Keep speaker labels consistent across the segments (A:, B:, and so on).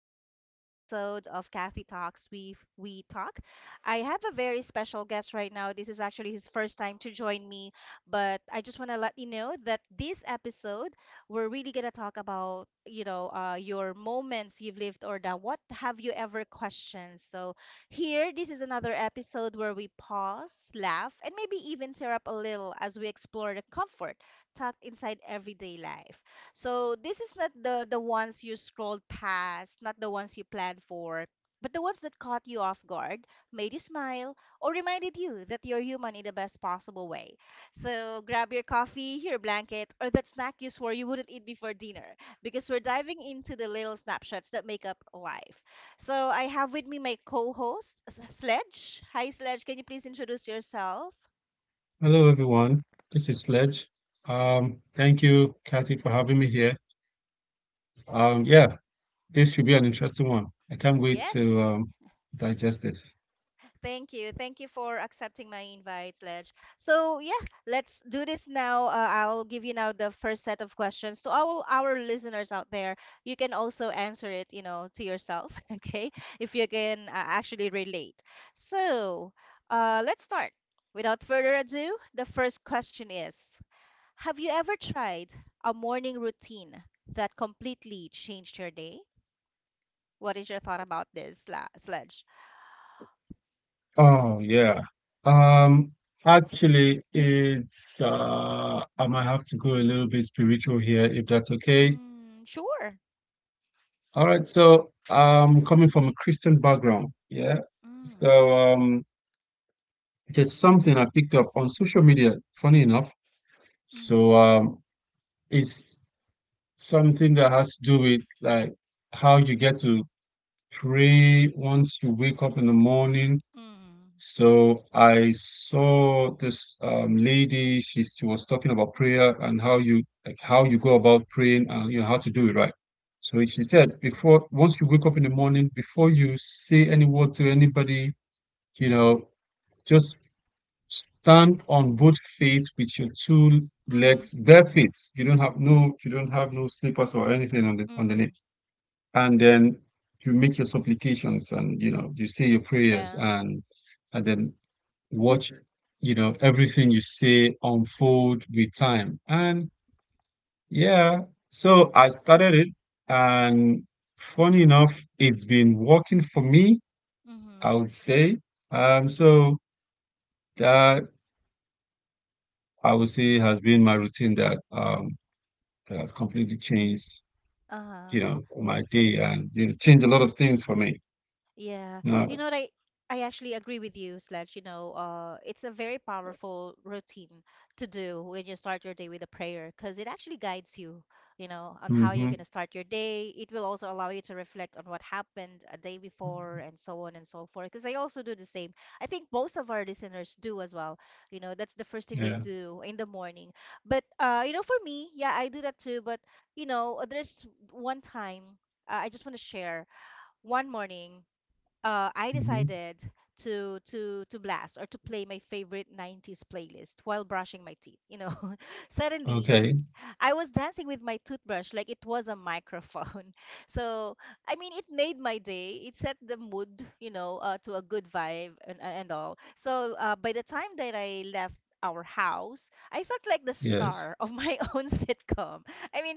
A: to another episode of Kathy Talks. We talk. I have a very special guest right now. This is actually his first time to join me, but I just want to let you know that this episode we're really gonna talk about your moments you've lived or the what have you ever questioned. So here, this is another episode where we pause, laugh, and maybe even tear up a little as we explore the comfort tucked inside everyday life. So this is not the ones you scrolled past, not the ones you planned for, but the ones that caught you off guard, made you smile, or reminded you that you're human in the best possible way. So grab your coffee, your blanket, or that snack you swore you wouldn't eat before dinner, because we're diving into the little snapshots that make up life. So I have with me my co-host, Sledge. Hi, Sledge. Can you please introduce yourself?
B: Hello, everyone. This is Sledge. Thank you, Kathy, for having me here. Yeah, this should be an interesting one. I can't wait
A: Yes.
B: to digest this.
A: Thank you. Thank you for accepting my invite, Ledge. So, yeah, let's do this now. I'll give you now the first set of questions to all our listeners out there. You can also answer it, you know, to yourself, okay? If you can actually relate. So, let's start. Without further ado, the first question is, have you ever tried a morning routine that completely changed your day? What is your thought about this, Sledge?
B: Oh, yeah. Um, actually, it's I might have to go a little bit spiritual here, if that's okay.
A: Mm, sure.
B: All right. So, coming from a Christian background, yeah. So, there's something I picked up on social media. Funny enough, so
A: Mhm.
B: it's something that has to do with like how you get to pray once you wake up in the morning.
A: Mhm.
B: So I saw this lady, she was talking about prayer and how you like how you
A: Mhm.
B: go about praying, and you know how to do it right. So she said before, once you wake up in the morning, before you say any word to anybody, you know, just stand on both feet with your two
A: Mhm.
B: legs, bare feet. You don't have no slippers or anything on, the
A: Mhm.
B: underneath, and then you make your supplications, and you know you say your prayers.
A: Yeah.
B: And then watch, you know, everything you say unfold with time. And yeah, so I started it, and funny enough, it's been working for me, I
A: Mhm.
B: would say. So that, I would say, has been my routine, that that has completely changed, you know,
A: Uh-huh.
B: my day, and you know, changed a lot of things for me,
A: Yeah.
B: you
A: You
B: know.
A: know what I I actually agree with you, Sledge. You know, it's a very powerful routine to do when you start your day with a prayer because it actually guides you, you know, on how you're gonna
B: Mm-hmm.
A: start your day. It will also allow you to reflect on what happened a day before and so on and so forth. Because I also do the same. I think most of our listeners do as well. You know, that's the first thing they
B: Yeah.
A: do in the morning. But you know, for me, yeah, I do that too. But you know, there's one time, I just want to share one morning, I
B: Mm-hmm.
A: decided to blast or to play my favorite 90s playlist while brushing my teeth. You know, suddenly
B: Okay.
A: I was dancing with my toothbrush like it was a microphone. So I mean, it made my day. It set the mood, you know, to a good vibe and all. So by the time that I left our house, I felt like the
B: Yes.
A: star of my own sitcom. I mean,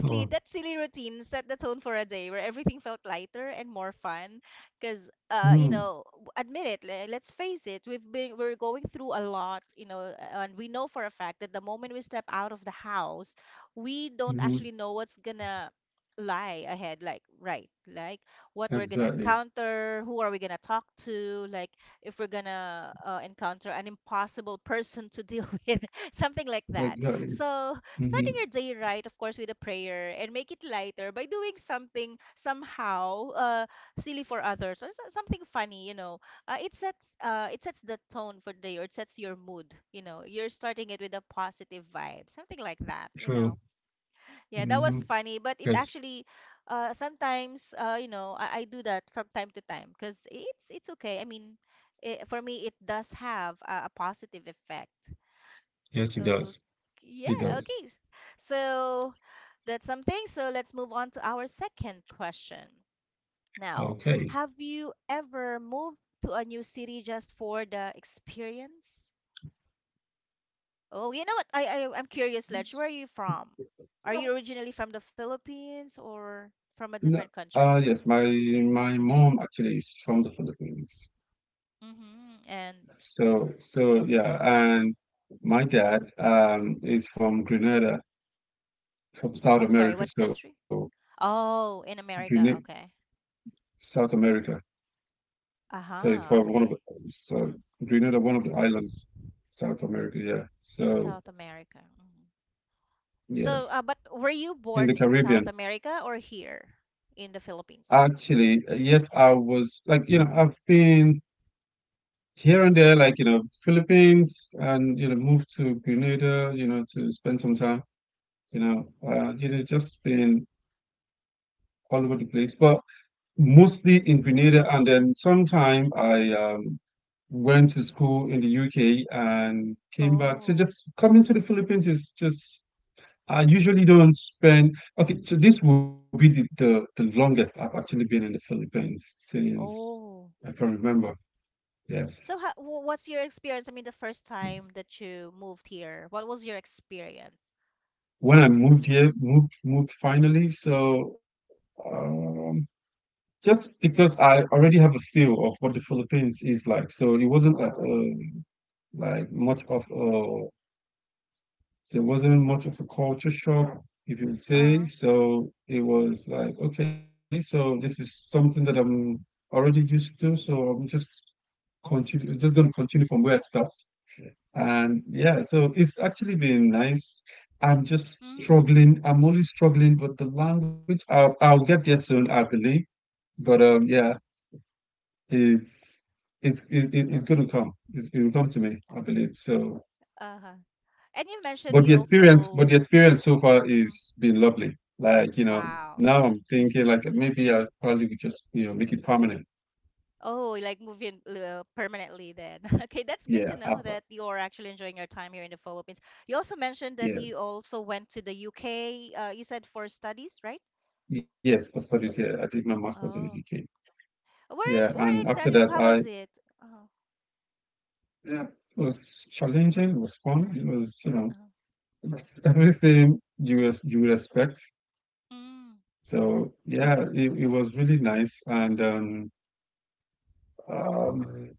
B: Oh.
A: that silly routine set the tone for a day where everything felt lighter and more fun because you
B: Mm.
A: know, admit it, let's face it, we're going through a lot, you know, and we know for a fact that the moment we step out of the house we don't
B: Mm-hmm.
A: actually know what's gonna lie ahead, like, right, like what we're gonna
B: Exactly.
A: encounter, who are we gonna talk to, like if we're gonna encounter an impossible person to deal with, something like that.
B: Exactly.
A: So
B: Mm-hmm.
A: starting your day right, of course, with a prayer and make it lighter by doing something somehow silly for others or something funny, you know, it sets the tone for the day or it sets your mood, you know, you're starting it with a positive vibe, something like that, you
B: True.
A: know. Yeah, that
B: Mm-hmm.
A: was funny but it
B: Yes.
A: actually, sometimes, you know, I do that from time to time because it's okay. I mean, it, for me it does have a positive effect.
B: Yes, it
A: Okay,
B: does. It
A: yeah,
B: does.
A: okay, so that's something. So let's move on to our second question now,
B: Okay.
A: have you ever moved to a new city just for the experience? Oh, you know what? I'm curious, Ledge. Where are
B: S-
A: you from? Are you originally from the Philippines or from a
B: No,
A: different country?
B: yes, my mom actually is from the Philippines.
A: Mm-hmm. And
B: So yeah, and my dad is from Grenada, from South
A: I'm sorry,
B: America.
A: what
B: So
A: country? Oh, in
B: Grenada,
A: America. Okay.
B: South America. So it's for
A: Aha.
B: one of the,
A: Okay.
B: so Grenada, one of the islands, South America. Yeah.
A: In
B: So
A: South America. Mhm. So,
B: yes,
A: but were you
B: in
A: born
B: the
A: in South
B: Caribbean.
A: America or here in the Philippines?
B: Actually, yes, I was like, you know, I've been here and there, like, you know, Philippines, and, you know, moved to Grenada, you know, to spend some time, you know, you know, just been all over the place, but mostly in Grenada, and then sometime I went to school in the UK and came back. So
A: Oh.
B: just coming to the Philippines is just, I usually don't spend. Okay, so this will be the longest I've actually been in the Philippines since I
A: Oh.
B: can remember. Yes,
A: So, what's your experience? I mean, the first time that you moved here, what was your experience?
B: when I moved here, moved finally. So um, just because I already have a feel of what the Philippines is like, so it wasn't like much of a, there wasn't much of a culture shock, if you would say.
A: Uh-huh.
B: So it was like, okay, so this is something that I'm already used to. So I'm just continue, just going to continue from where I start. And yeah, so it's actually been nice. I'm just
A: Mm.
B: struggling. I'm only struggling, but the language, I'll get there soon, I believe. But yeah, it's it's going to come. It's, it will come to me, I believe. So
A: Uh-huh. And you mentioned
B: But the
A: you
B: experience, but
A: also.
B: the experience so far
A: Mhm.
B: is been lovely. Like, you know, now
A: Wow.
B: I'm thinking like maybe I probably would just, you know, make it permanent.
A: Oh, you like moving permanently then. Okay, that's good to
B: Yeah,
A: know that
B: after.
A: you're actually enjoying your time here in the Philippines. You also mentioned that you
B: Yes.
A: also went to the UK, you said for studies, right?
B: Yes, for studies here. I did my master's in the
A: Oh.
B: UK.
A: Where
B: Yeah.
A: where
B: And after
A: exactly?
B: that
A: How
B: I,
A: was it? Uh huh.
B: yeah, it was challenging, it was fun, it was, you know,
A: Uh-huh.
B: it's everything you you would expect.
A: Mm.
B: So yeah, it was really nice, and um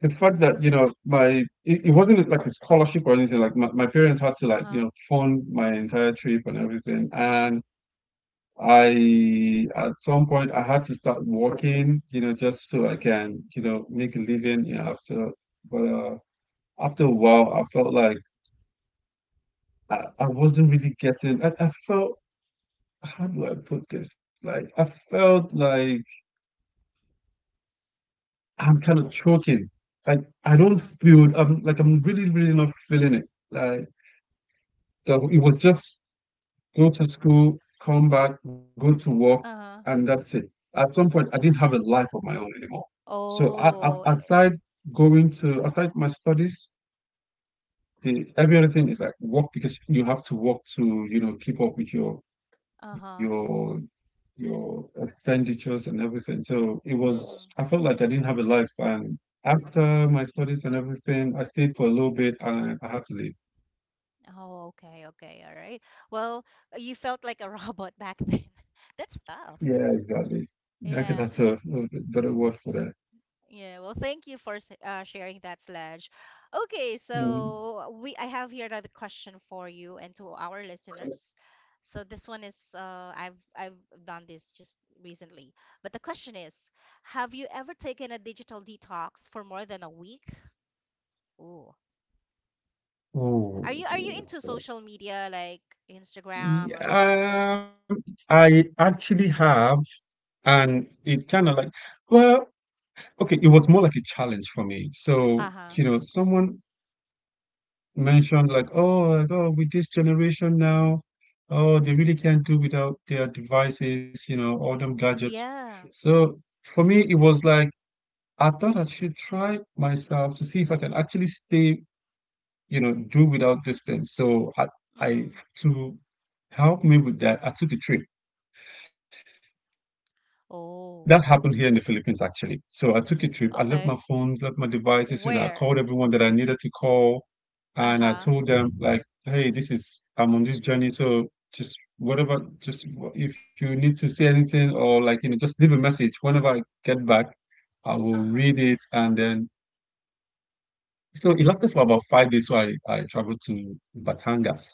B: the fact that, you know, my, it wasn't like a scholarship or anything, like my parents had to, like, you
A: Uh-huh.
B: know, fund my entire trip and everything, and I at some point I had to start working, you know, just so I
A: Mm-hmm.
B: can, you know, make a living, you know, after, but after a while I felt like I wasn't really getting, I felt, how do I put this, like I felt like I'm kind of choking, like I don't feel, I'm like, I'm really really not feeling it, like, so it was just go to school, come back, go to work,
A: Mm-hmm.
B: and that's it. At some point, I didn't have a life of my own anymore. So I,
A: Oh, eh, eh,
B: aside going to, aside my studies, the every other thing is like work, because you have to work to, you know, keep up with your
A: uh-huh.
B: your your expenditures and everything. So it was,
A: Hmm.
B: I felt like I didn't have a life. And after my studies and everything, I stayed for a little bit, and I had to leave.
A: Oh, okay, okay, all right. Well, you felt like a robot back then. That's tough.
B: Yeah, exactly. Yeah, okay,
A: Yeah,
B: that's a better word for that.
A: yeah. Well, thank you for sharing that, Sledge. Okay,
B: Mm.
A: so we I have here another question for you and to our listeners. So this one is I've done this just recently, but the question is, have you ever taken a digital detox for more than a week? Ooh. Are you
B: Oh,
A: into social media like Instagram or Facebook?
B: yeah. I actually have, and it kind of like, well, okay, it was more like a challenge for me. So,
A: Uh-huh.
B: you know, someone mentioned like, oh, with this generation now, oh, they really can't do without their devices, you know, all them gadgets.
A: Yeah.
B: So for me, it was like, I thought I should try myself to see if I can actually stay, you know, do without this thing. So I
A: Mm.
B: to help me with that, I took a trip. That
A: Oh,
B: happened here in the Philippines, actually. So I took a trip. I left my
A: okay.
B: phones, left my devices. You know, I called
A: Where?
B: everyone that I needed to call, and I
A: Uh-huh.
B: told them like, "Hey, this is, I'm on this journey. So just whatever, just if you need to say anything, or, like, you know, just leave a message. Whenever I get back, I will
A: Uh-huh.
B: read it, and then." So it lasted for about 5 days. So I traveled to Batangas.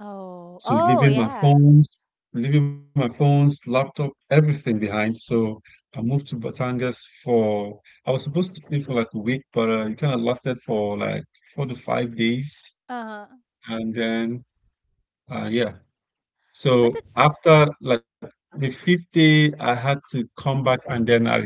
A: Oh.
B: So
A: Oh,
B: leaving my
A: yeah.
B: phones, laptop, everything behind. So I moved to Batangas for, I was supposed to stay for like a week, but it kind of lasted for like 4 to 5 days.
A: Uh-huh.
B: And then, yeah.
A: But that's
B: So after like the fifth day, I had to come back, and then I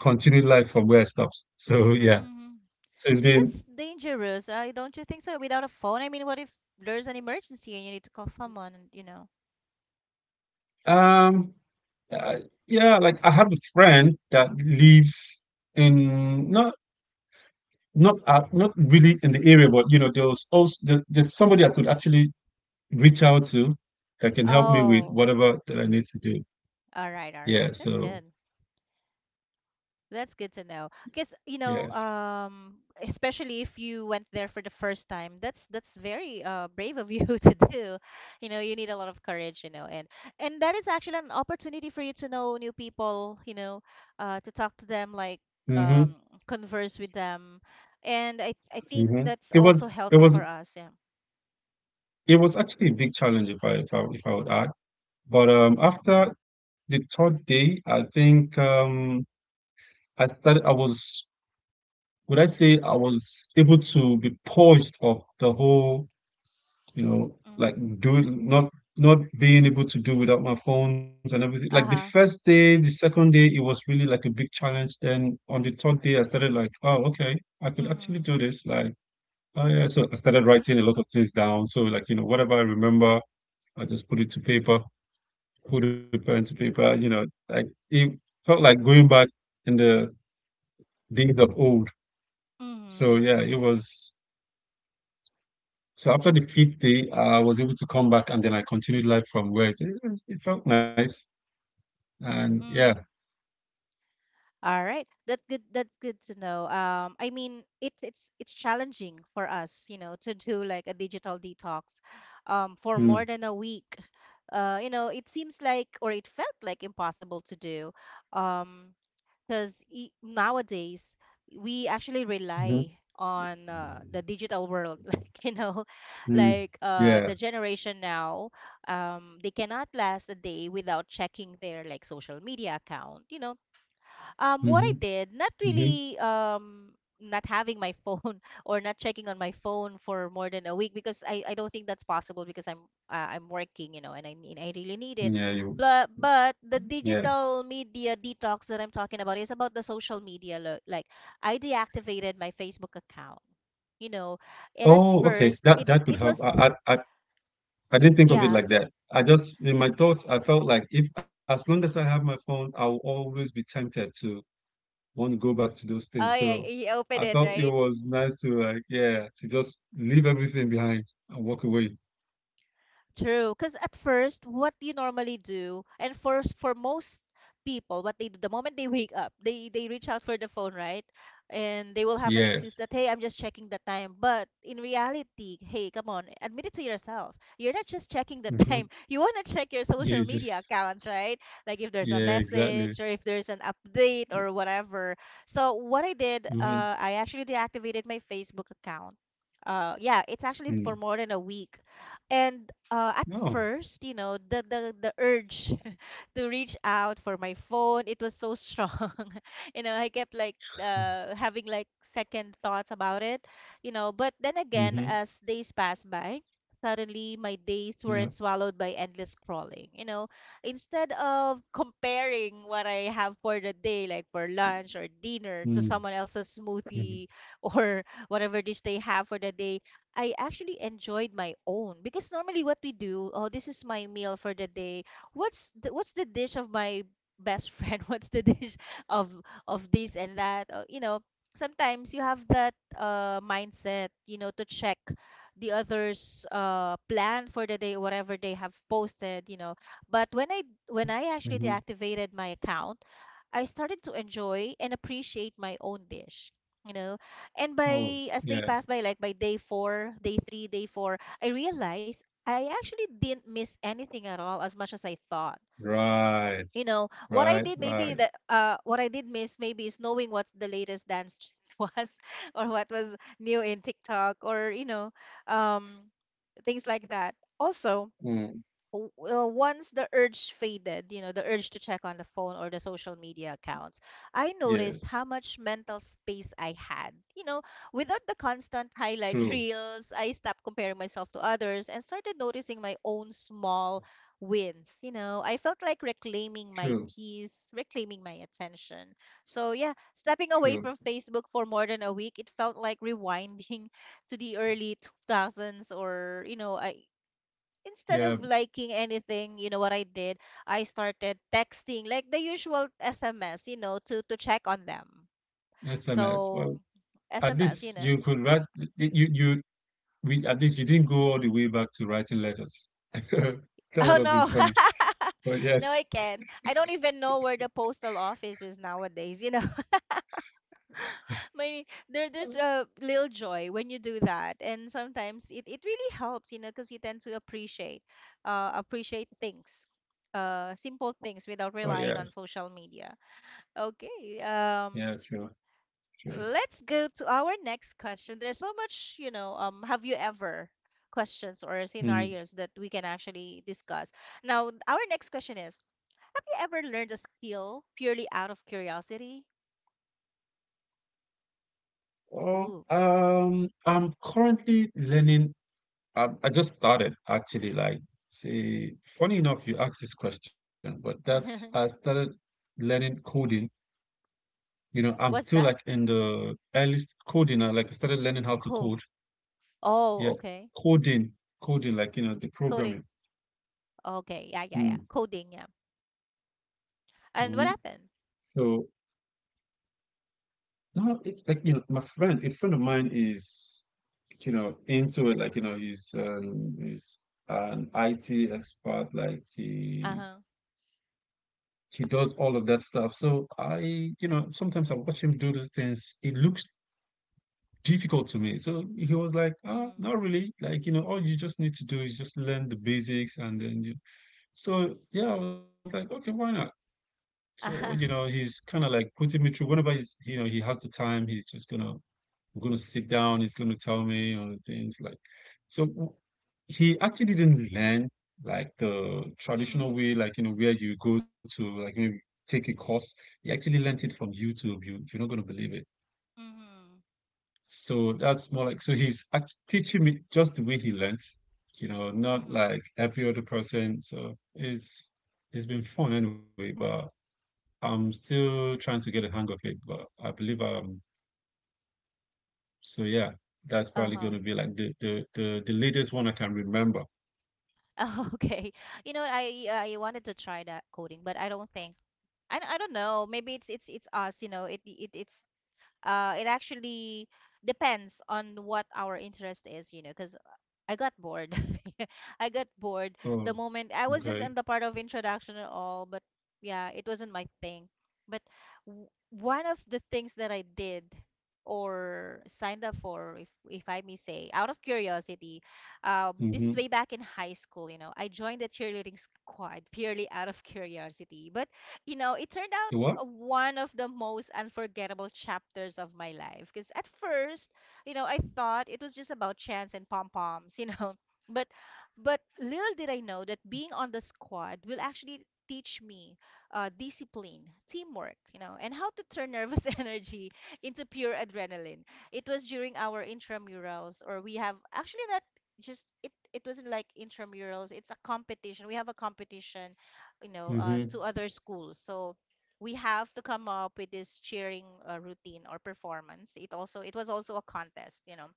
B: continued life from where I stopped. So yeah.
A: Mm-hmm.
B: So it's been,
A: That's dangerous. I don't You think so? Without a phone? I mean, what if there's an emergency and you need to call someone and you know?
B: um, uh, yeah, like I have a friend that lives in, not not really in the area, but, you know, there was also there, there's somebody I could actually reach out to that can help me with
A: Oh.
B: whatever that I need to do.
A: All
B: Yeah,
A: right, all right.
B: so
A: That's good. That's good to know. Because, you know,
B: yes.
A: especially if you went there for the first time, that's very brave of you to do. You know, you need a lot of courage, you know, and that is actually an opportunity for you to know new people, you know, to talk to them, like
B: Hmm.
A: um, converse with them, and I think
B: Hmm.
A: that's
B: It was
A: also
B: it
A: healthy
B: was
A: for us. Yeah.
B: it was actually a big challenge, if I would add. But after the third day, I think I started, I was, would I say, I was able to be purged of the whole, you know,
A: Mm-hmm.
B: like do not, not being able to do without my phones and everything. Like the
A: Uh-huh.
B: first day, the second day, it was really like a big challenge. Then on the third day, I started like, oh, okay, I could actually
A: Mm-hmm.
B: do this. Like, oh yeah. So I started writing a lot of things down. So, like, you know, whatever I remember, I just put it to paper, put a pen to paper, you know, like it felt like going back in the days of old. So
A: Mm-hmm.
B: yeah, it was, so after the fifth day, I was able to come back, and then I continued life from where it felt nice. And yeah,
A: Mm-hmm. All right. That's good, that's good to know. Um, I mean it's challenging for us, you know, to do like a digital detox for more than
B: mm,
A: a week. Uh, you know, it seems like or it felt like impossible to do. Um, because e nowadays we actually
B: mhm,
A: rely on the digital world like you know,
B: mm.
A: like the
B: Yeah.
A: generation now they cannot last a day without checking their like social media account, you know. Um, what I
B: Mhm,
A: did, not
B: mhm.
A: really um, not having my phone or not checking on my phone for more than a week because I don't think that's possible because I'm, I'm working, you know, and I really need it.
B: Yeah, you,
A: But the
B: yeah.
A: digital media detox that I'm talking about is about the social media. Like I deactivated my Facebook account, you know, and at
B: Oh, okay.
A: first
B: That that could
A: it
B: help.
A: was
B: I didn't think of it
A: yeah.
B: like that. I just in my thoughts, I felt like if, as long as I have my phone, I'll always be tempted to want to go back to those things.
A: Oh yeah,
B: So
A: he
B: I
A: opened it,
B: felt it
A: right?
B: was nice to, like, yeah, to just leave everything behind and walk away.
A: True, because at first, what do you normally do, and for for most people, what they do the moment they wake up, they reach out for the phone, right? And they will have an
B: Yes.
A: excuse that, hey, I'm just checking the time. But in reality, hey, come on, admit it to yourself. You're not just checking the
B: Mm-hmm.
A: time. You want to check your social
B: You
A: media
B: just,
A: accounts, right? Like if
B: yeah,
A: there's a
B: exactly.
A: message or if there's an update or whatever. So what I did,
B: Mm-hmm.
A: I actually deactivated my Facebook account. Yeah, it's actually for
B: Mm.
A: more than a week and at
B: No.
A: first, you know, the urge to reach out for my phone. It was so strong. You know, I kept like having like second thoughts about it, you know. But then
B: Mm-hmm.
A: again, as days passed by, suddenly my days weren't swallowed by endless scrolling. You know, instead of comparing what I have for the day, like for lunch or dinner,
B: Yeah.
A: to someone else's
B: Mhm,
A: smoothie or whatever dish they have for the day, I actually enjoyed my own because normally what we do, oh, this is my meal for the day, what's the dish of my best friend? What's the dish of of this and that? You know, sometimes you have that mindset, you know, to check the others' plan for the day, whatever they have posted, you know. But when I
B: mhm.
A: actually deactivated my account, I started to enjoy and appreciate my own dish. You know, and
B: Oh,
A: by as they
B: yeah.
A: pass by, like by day four, day four, I realized I actually didn't miss anything at all as much as I thought.
B: Right,
A: You know,
B: right, right.
A: what I did miss maybe is knowing what the latest dance trend was or what was new in TikTok or you know, um things like that. Also,
B: Mm,
A: once the urge faded, you know, the urge to check on the phone or the social media accounts, I
B: yes.
A: noticed how much mental space I had. You know, without the constant highlight
B: True,
A: reels, I stopped comparing myself to others and started noticing my own small wins. You know, I felt like reclaiming
B: true,
A: my peace, reclaiming my attention. So, yeah, stepping
B: true.
A: away from Facebook for more than a week, it felt like rewinding to the early 2000s or, you know, I instead
B: Yeah,
A: of liking anything, you know what I did? I started texting like the usual SMS, you know, to check on them.
B: SMS. Well,
A: So
B: at least
A: SMS, you
B: you
A: know.
B: could write, you we at least, you didn't go all the way back to writing letters. That
A: Oh
B: would have been
A: no.
B: funny. But
A: No,
B: yes.
A: I can't. I don't even know where the postal office is nowadays, you know. My there's a little joy when you do that. And sometimes it really helps, you know, because you tend to appreciate things. Simple things
B: Oh
A: without
B: yeah.
A: relying on social media. Okay.
B: Yeah, true, true.
A: Let's go to our next question. There's so much, you know, have you ever questions or
B: Mm.
A: scenarios that we can actually discuss. Now, our next question is, have you ever learned a skill purely out of curiosity?
B: Well,
A: Ooh.
B: I'm currently learning. I just started actually, like, see, funny enough, you asked this question, but that's, I started learning coding. You know, I'm
A: What's
B: still
A: that?
B: like in the early coding. I like I started learning how to
A: Cool.
B: code.
A: Oh,
B: Yeah,
A: okay.
B: coding, coding, like, you know, the
A: Coding.
B: programming.
A: Okay. Yeah, yeah, yeah.
B: Mm,
A: Coding, yeah.
B: mhm.
A: And what happened?
B: So now it's like, you know, my friend, a friend of mine is, you know, into it. Like, you know, he's an IT expert. Like,
A: Uh-huh.
B: he does all of that stuff. So I, you know, sometimes I watch him do those things. It looks difficult to me. So he was like, "Ah,
A: Mm-hmm.
B: not really. Like, you know, all you just need to do is just learn the basics, and then you." So yeah, I was like, okay, why not? So, you know,
A: Uh-huh.
B: he's kind of like putting me through. Whenever he's, you know, he has the time, he's just gonna we're going to sit down, he's going to tell me on things like so w- he actually didn't learn like the traditional
A: Mm-hmm.
B: way, like you know, where you go to like maybe take a course. He actually learned it from YouTube. You're not going to believe it.
A: Mm-hmm.
B: So that's more like so teaching me just the way he learned, you know, not
A: Mm-hmm.
B: like every other person. So it's been fun anyway, but I'm still trying to get a hang of it. But I believe I'm So yeah, that's probably
A: Uh-huh.
B: going to be like the latest one I can remember.
A: Oh, okay. You know, I wanted to try that coding, but I don't think I don't know. Maybe it's us, you know. It it actually depends on what our interest is, you know, because I got bored. I got bored the
B: Oh,
A: moment I was just in
B: okay.
A: the part of introduction and all, but yeah, it wasn't my thing. But one of the things that I did or signed up for, if I may say, out of curiosity, this is
B: Mm-hmm.
A: way back in high school. You know, I joined the cheerleading squad purely out of curiosity. But you know, it turned
B: The
A: out
B: what?
A: one of the most unforgettable chapters of my life because at first you know, I thought it was just about chance and pom poms, you know. But but little did I know that being on the squad will actually teach me discipline, teamwork, you know, and how to turn nervous energy into pure adrenaline. It was during our intramurals, or we have actually not just it. It wasn't like intramurals. It's a competition. We have a competition, you know,
B: Mm-hmm.
A: to other schools. So we have to come up with this cheering routine or performance. It was also a contest, you know.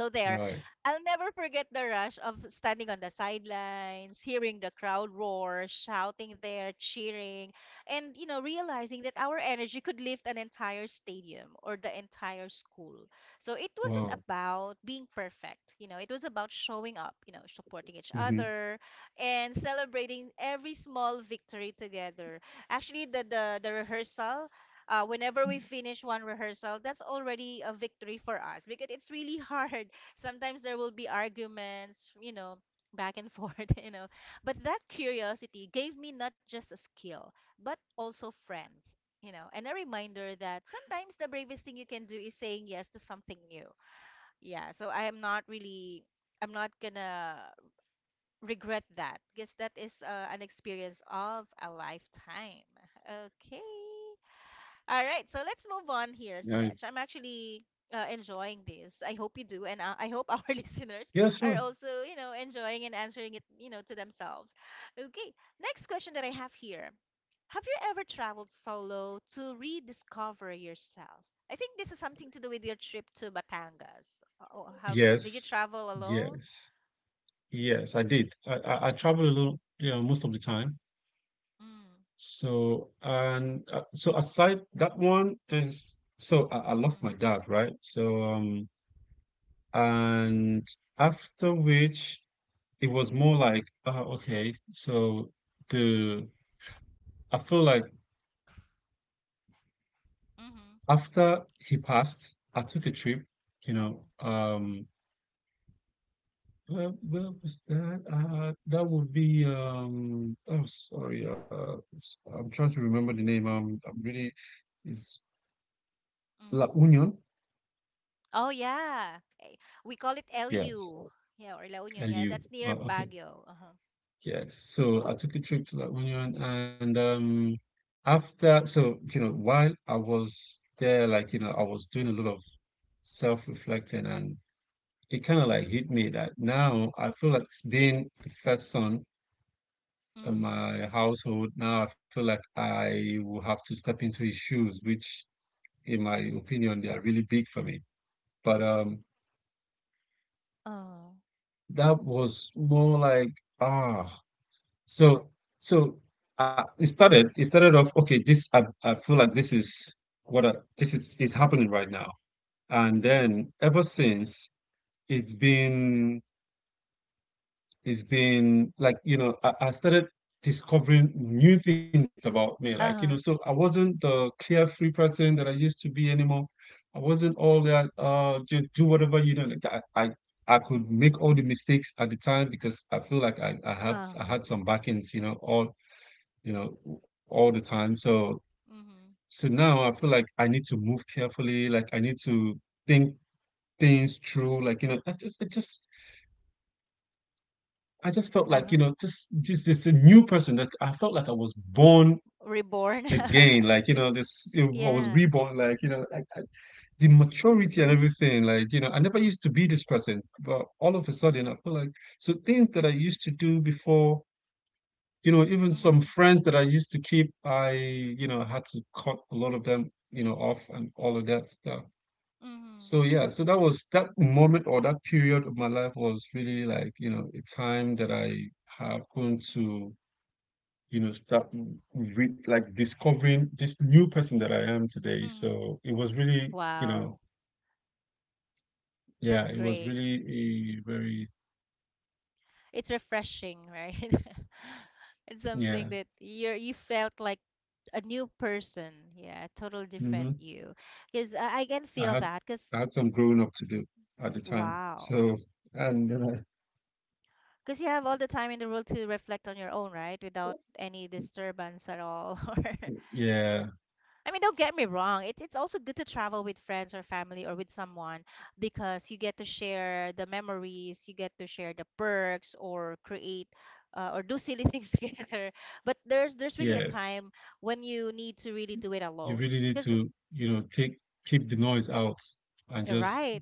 A: So there,
B: Right.
A: I'll never forget the rush of standing on the sidelines, hearing the crowd roar, shouting there, cheering, and you know, realizing that our energy could lift an entire stadium or the entire school. So it wasn't
B: Wow.
A: about being perfect, you know, it was about showing up, you know, supporting each
B: Mm-hmm.
A: other and celebrating every small victory together. Actually, the rehearsal whenever we finish one rehearsal, that's already a victory for us because it's really hard. Sometimes there will be arguments, you know, back and forth, you know. But that curiosity gave me not just a skill, but also friends, you know, and a reminder that sometimes the bravest thing you can do is saying yes to something new. Yeah, so I am not really. I'm not gonna regret that because that is an experience of a lifetime. Okay. All right, so let's move on here, Sledge.
B: Nice.
A: I'm actually enjoying this. I hope you do, and I hope our listeners
B: Yeah,
A: are
B: sure.
A: also, you know, enjoying and answering it, you know, to themselves. Okay, next question that I have here: have you ever traveled solo to rediscover yourself? I think this is something to do with your trip to Batangas. Oh, have did you
B: Yes.
A: travel alone?
B: Yes. Yes, I did. I travel a little, you know, most of the time.
A: Mm,
B: So, and so aside that one, there's, so I lost my
A: mm-hmm,
B: dad, right? So, and after which it was more like oh okay so the I feel like
A: mm-hmm,
B: after he passed I took a trip you know where, was that that would be oh sorry I'm trying to remember the name I'm really is
A: oh,
B: La Union
A: oh yeah. Eh, we call it
B: yes
A: LU. Yeah, or La Union. Yeah,
B: L
A: that's
B: U
A: near
B: okay.
A: Baguio. Uh-huh.
B: Yes, so I took a trip to La Union and after so you know while I was there like you know I was doing a lot of self-reflecting and it kind of like
A: Mm-hmm.
B: hit me that now I feel like being the first son in
A: Mm-hmm.
B: my household now I feel like I will have to step into his shoes which in my opinion they are really big for me but
A: Oh.
B: that was more like ah So, so it started. It started off. Okay, this I feel like this is what I, this is happening right now. And
A: Mm-hmm.
B: then ever since, it's been it's been like you know I started discovering new things about me. Like you know, so
A: Uh-huh.
B: I wasn't the carefree person that I used to be anymore. I wasn't all that just do whatever you know. I could make all the mistakes at the time because I feel like
A: Uh-huh.
B: I had some backings. You know, all the time. So
A: Mm-hmm.
B: so now I feel like I need to move carefully, like I need to think things through. Like, you know, I just felt like,
A: Uh-huh.
B: you know, just this a new person that I felt like I was born
A: Reborn.
B: again. Like, you know, this I was
A: Yeah.
B: reborn, like, you know, the maturity and everything. Like, you know, I never used to be this person, but all of a sudden I feel like so things that I used to do before you know, even some
A: Mm-hmm.
B: friends that I used to keep, I, you know, had to cut a lot of them, you know, off and all of that stuff.
A: Mm-hmm.
B: So yeah, so that was that moment or that period of my life was really like, you know, a time that I happened to, you know, start re like discovering this new person that I am today.
A: Mm-hmm.
B: So it was really, you know,
A: Wow.
B: yeah,
A: That's
B: it was
A: great.
B: really a very,
A: It's refreshing, right? It's something
B: yeah,
A: that you're you felt like a new person. Yeah, a total
B: hmm
A: different you. Because I can
B: I
A: feel
B: had
A: that. Because
B: I had some growing up to do at the time.
A: wow.
B: So and then I,
A: Because you have all the time in the world to reflect on your own, right? Without any disturbance at all. Or
B: yeah.
A: I mean, don't get me wrong. It's also good to travel with friends or family or with someone because you get to share the memories, you get to share the perks or create or do silly things together. But there's really a
B: Yes,
A: time when you need to really do it
B: you
A: alone.
B: really need
A: Because
B: to, you know, take keep the noise out and just
A: right,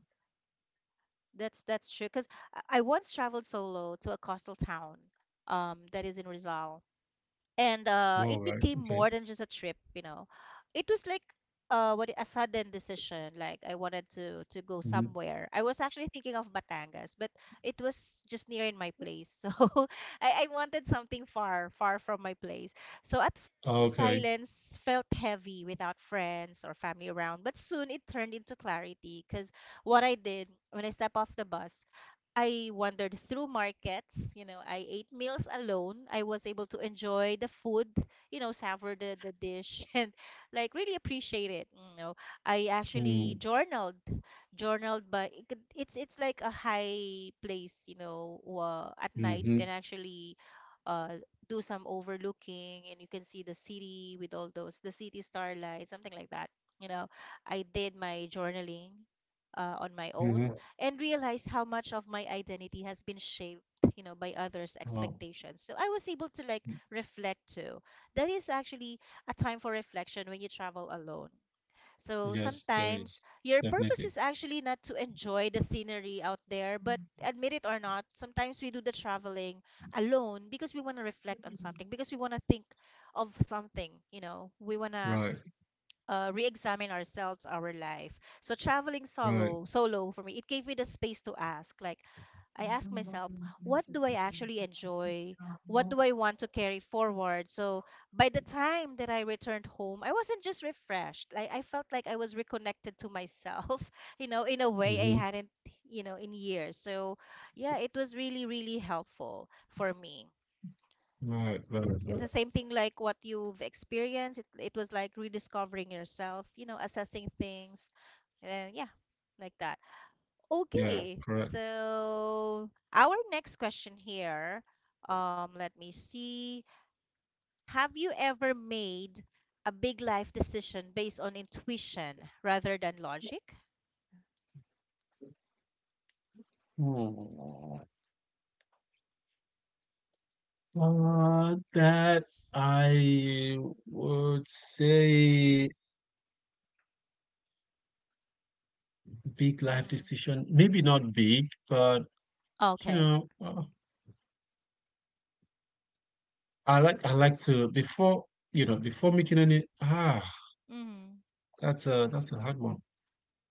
A: that's true. Because I once traveled solo to a coastal town that is in Rizal and
B: wow,
A: it
B: right?
A: became
B: Okay.
A: more than just a trip you know it was like what a sudden decision like I wanted to go
B: Hmm.
A: somewhere I was actually thinking of Batangas but it was just near in my place so I wanted something far far from my place so at first the
B: Okay.
A: silence felt heavy without friends or family around but soon it turned into clarity because what I did when I stepped off the bus I wandered through markets, you know, I ate meals alone. I was able to enjoy the food, you know, savor the dish and like really appreciate it, you know. I actually
B: Mm,
A: journaled, it's like a high place, you know, at night you can
B: hmm,
A: actually uh do some overlooking and you can see the city with all those the city starlight, something like that. You know, I did my journaling on my own
B: hmm.
A: and realized how much of my identity has been shaped, you know, by others'
B: Wow.
A: expectations. So I was able to like reflect too. That is actually a time for reflection when you travel alone. So
B: Yes, there
A: sometimes
B: is
A: your purpose
B: definitely.
A: is actually not to enjoy the scenery out there, but admit it or not, sometimes we do the traveling alone because we want to reflect on something, because we want to think of something, you know, we want to
B: Right.
A: re-examine ourselves, our life. So traveling
B: Right.
A: solo, solo for me, it gave me the space to ask. Like I asked myself, what do I actually enjoy? What do I want to carry forward? So by the time that I returned home, I wasn't just refreshed. Like I felt like I was reconnected to myself, you know, in a way I
B: Hmm.
A: hadn't, you know, in years. So yeah, it was really, really helpful for me.
B: Right. Right.
A: It's
B: Right.
A: the same thing like what you've experienced. It was like rediscovering yourself, you know, assessing things. And yeah, like that.
B: Yeah.
A: Okay.
B: Correct.
A: So our next question here, let me see. Have you ever made a big life decision based on intuition rather than logic?
B: Hmm. That I would say big life
A: Mm-hmm.
B: decision. Maybe not big, but you
A: Okay.
B: know. I like to before you know before making any. That's a that's a hard one.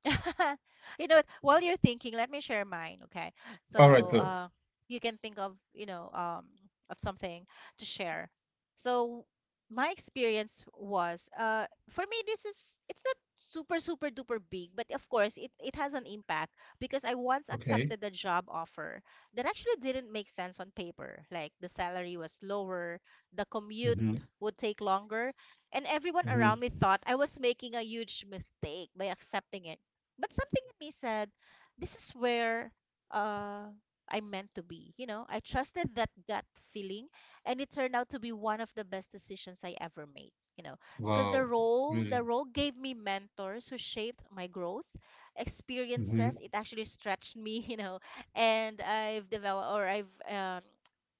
A: You know what? While you're thinking, let me share mine, okay?
B: All right,
A: So
B: good.
A: you can think of, you know, of something to share. So my experience was, for me, this is, it's not super, super duper big, but of course, it has an impact because I once
B: Okay.
A: accepted a job offer that actually didn't make sense on paper. Like the salary was lower, the commute
B: Mm-hmm.
A: would take longer, and everyone around
B: Mm-hmm.
A: me thought I was making a huge mistake by accepting it but something in me said, this is where uh, I'm meant to be. You know, I trusted that gut feeling, and it turned out to be one of the best decisions I ever made. You know, because the
B: Wow.
A: role the
B: Really.
A: role gave me mentors who shaped my growth, experiences.
B: Mm-hmm.
A: It actually stretched me. You know, and I've developed or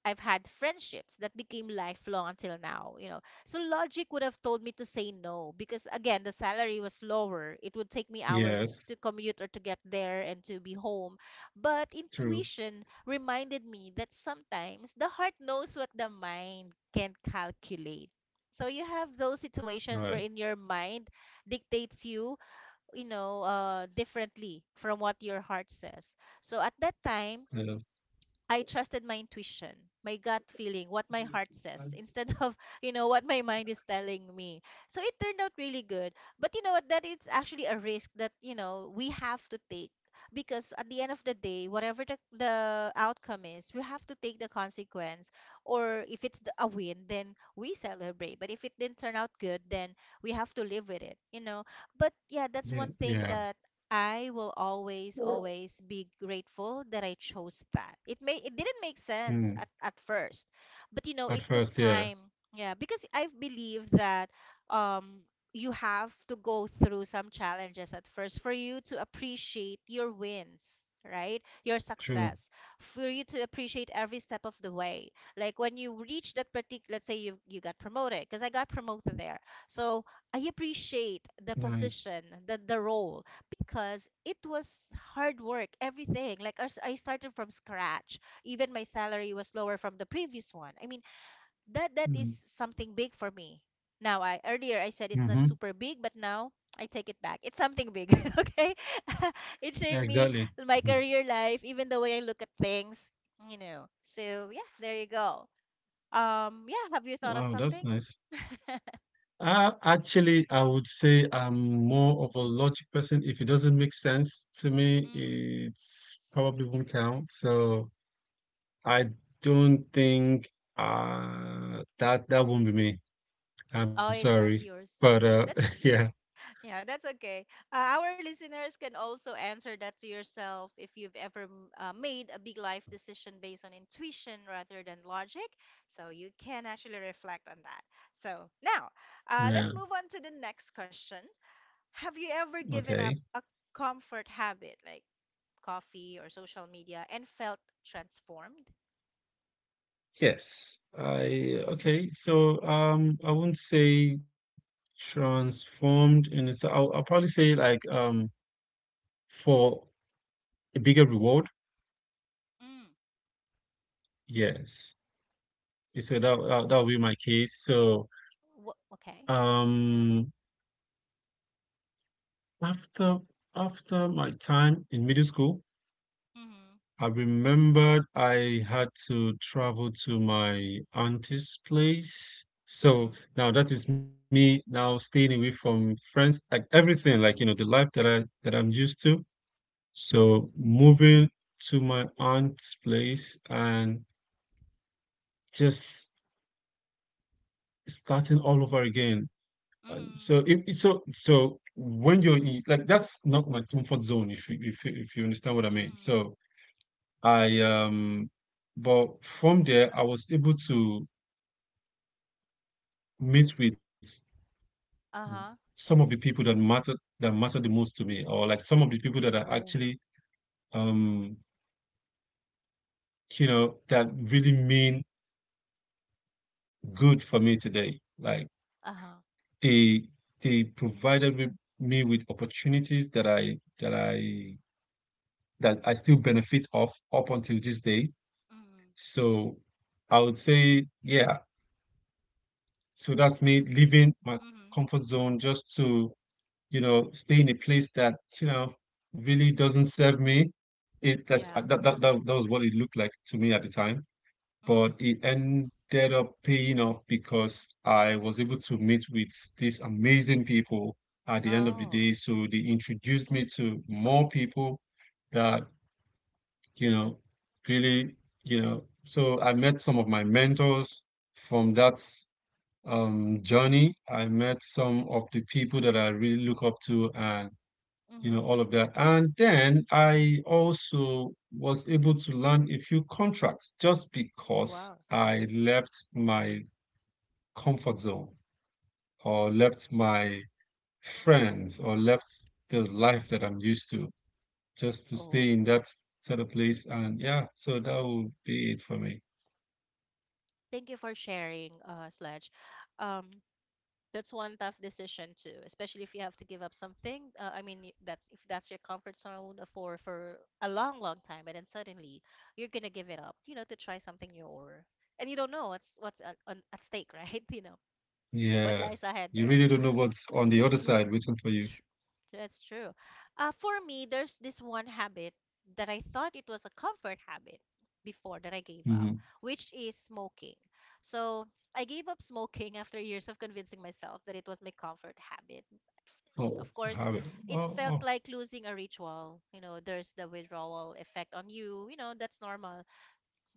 A: I've had friendships that became lifelong until now. You know, so logic would have told me to say no because again the salary was lower. It would take me hours to
B: Yes.
A: commute or to get there and to be home. But
B: True.
A: intuition reminded me that sometimes the heart knows what the mind can't calculate. So you have those situations
B: Right.
A: wherein your mind dictates you, you know, differently from what your heart says. So at that time,
B: Yes.
A: I trusted my intuition, my gut feeling, what my heart says, instead of, you know, what my mind is telling me. So it turned out really good. But you know what? That it's actually a risk that, you know, we have to take because at the end of the day, whatever the outcome is, we have to take the consequence. Or if it's a win, then we celebrate. But if it didn't turn out good, then we have to live with it, you know? But yeah, that's
B: Yeah.
A: one thing
B: Yeah.
A: that I will always, always be grateful that I chose that. It didn't make sense at,
B: Mm.
A: at first, but it
B: At
A: took
B: first, yeah.
A: time. Yeah, because I believe that um you have to go through some challenges at first for you to appreciate your wins, right? Your success.
B: True.
A: For you to appreciate every step of the way. Like when you reach that particular, let's say you got promoted, because I got promoted there. So I appreciate the
B: Nice.
A: position, the role because it was hard work, everything. Like I started from scratch. Even my salary was lower from the previous one. I mean, that is
B: Mm-hmm.
A: something big for me. Now, I earlier I said it's not
B: Mm-hmm.
A: super big, but now I take it back. It's something big, okay? It shaped
B: Yeah,
A: me,
B: exactly.
A: my
B: Mhm.
A: career life, even the way I look at things, you know. So, yeah, there you go. Yeah, have you thought of
B: Wow,
A: something?
B: that's nice. Actually, I would say I'm more of a logic person. If it doesn't make sense to me,
A: Mm-hmm.
B: it's probably won't count. So I don't think that that won't be me.
A: Oh,
B: I'm
A: it's not
B: sorry.
A: yours.
B: But
A: That's
B: yeah.
A: Yeah, that's okay. Our listeners can also answer that to yourself if you've ever made a big life decision based on intuition rather than logic. So you can actually reflect on that. So now,
B: Yeah.
A: let's move on to the next question. Have you ever given up
B: Okay.
A: a comfort habit like coffee or social media and felt transformed?
B: Yes. I
A: Mm,
B: okay. So I wouldn't say transformed in it's I'll probably say like for a bigger reward.
A: mm,
B: Yes. Okay, so that would be my case. So
A: Wha okay.
B: um after after my time in middle school,
A: Mm,
B: I remembered I had to travel to my auntie's place. So
A: mm,
B: now that is me now staying away from friends, like everything, like you know, the life that I'm used to. So moving to my aunt's place and just starting all over again. And so
A: mm,
B: so when you're in, like that's not my comfort zone if you if you understand what I mean.
A: mm,
B: So I but from there I was able to meet with
A: uh-huh.
B: some of the people that matter the most to me or like some of the people that are
A: Oh.
B: actually um you know that really mean good for me today. Like
A: Uh-huh.
B: they they provided with me with opportunities that I still benefit of up until this day.
A: Mm.
B: So I would say, yeah. So that's me leaving my comfort
A: Mhm.
B: zone just to, you know, stay in a place that, you know, really doesn't serve me. It that's
A: Yeah.
B: that that that, that was what it looked like to me at the time.
A: Mm.
B: But it ended up paying off because I was able to meet with these amazing people at the end of the
A: Oh.
B: day. So they introduced me to more
A: Mhm.
B: people that you know, really, you know, so I met some of my mentors from that journey. I met some of the people that I really look up to and, you know, all
A: Mhm.
B: of that. And then I also was able to land a few contracts just because
A: Wow.
B: I left my comfort zone or left my friends or left the
A: Mhm.
B: life that I'm used to just to
A: Oh,
B: stay in that sort of place. And yeah, so that would be it for me.
A: thank you for sharing, Sledge. Um, that's one tough decision too, especially if you have to give up something. I mean, that's if that's your comfort zone for a long, long time, and then suddenly you're gonna give it up, to try something new or, and you don't know what's on, at stake, right? What
B: Yeah,
A: lies ahead
B: you
A: there.
B: really don't know what's on the other side waiting for you.
A: Tr- That's true. For me, there's this one habit that I thought it was a comfort habit before that I gave up,
B: Hmm.
A: which is smoking. So I gave up smoking after years of convincing myself that it was my comfort habit. At first,
B: Oh,
A: of course,
B: have it. Oh,
A: it felt
B: oh.
A: like losing a ritual. You know, there's the withdrawal effect on you. You know, that's normal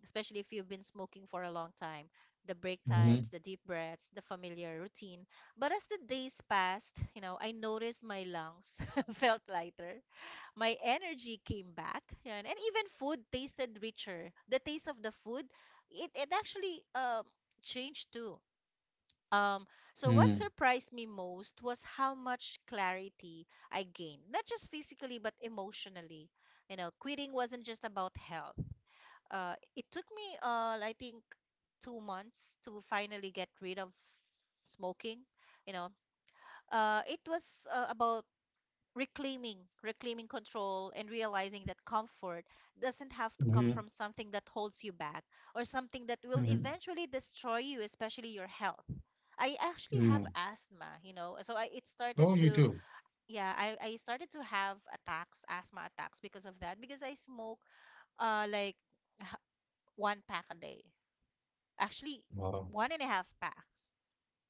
A: especially if you've been smoking for a long time, the break
B: Mm-hmm.
A: times, the deep breaths, the familiar routine. But as the days passed, you know, I noticed my lungs felt lighter, my energy came back, and even food tasted richer. The taste of the food, it actually changed too. Um, so what surprised me most was how much clarity I gained, not just physically, but emotionally. You know, quitting wasn't just about health. It took me, I think, 2 months to finally get rid of smoking. You know, it was about reclaiming, reclaiming control, and realizing that comfort doesn't have to come
B: Mm-hmm.
A: from something that holds you back or something that will
B: Mm-hmm.
A: eventually destroy you, especially your health. I actually have
B: Mm.
A: asthma, so I it started
B: Oh, you
A: to
B: do.
A: yeah I started to have attacks, asthma attacks because of that because I smoke like h- one pack a day, actually
B: Wow.
A: one and a half packs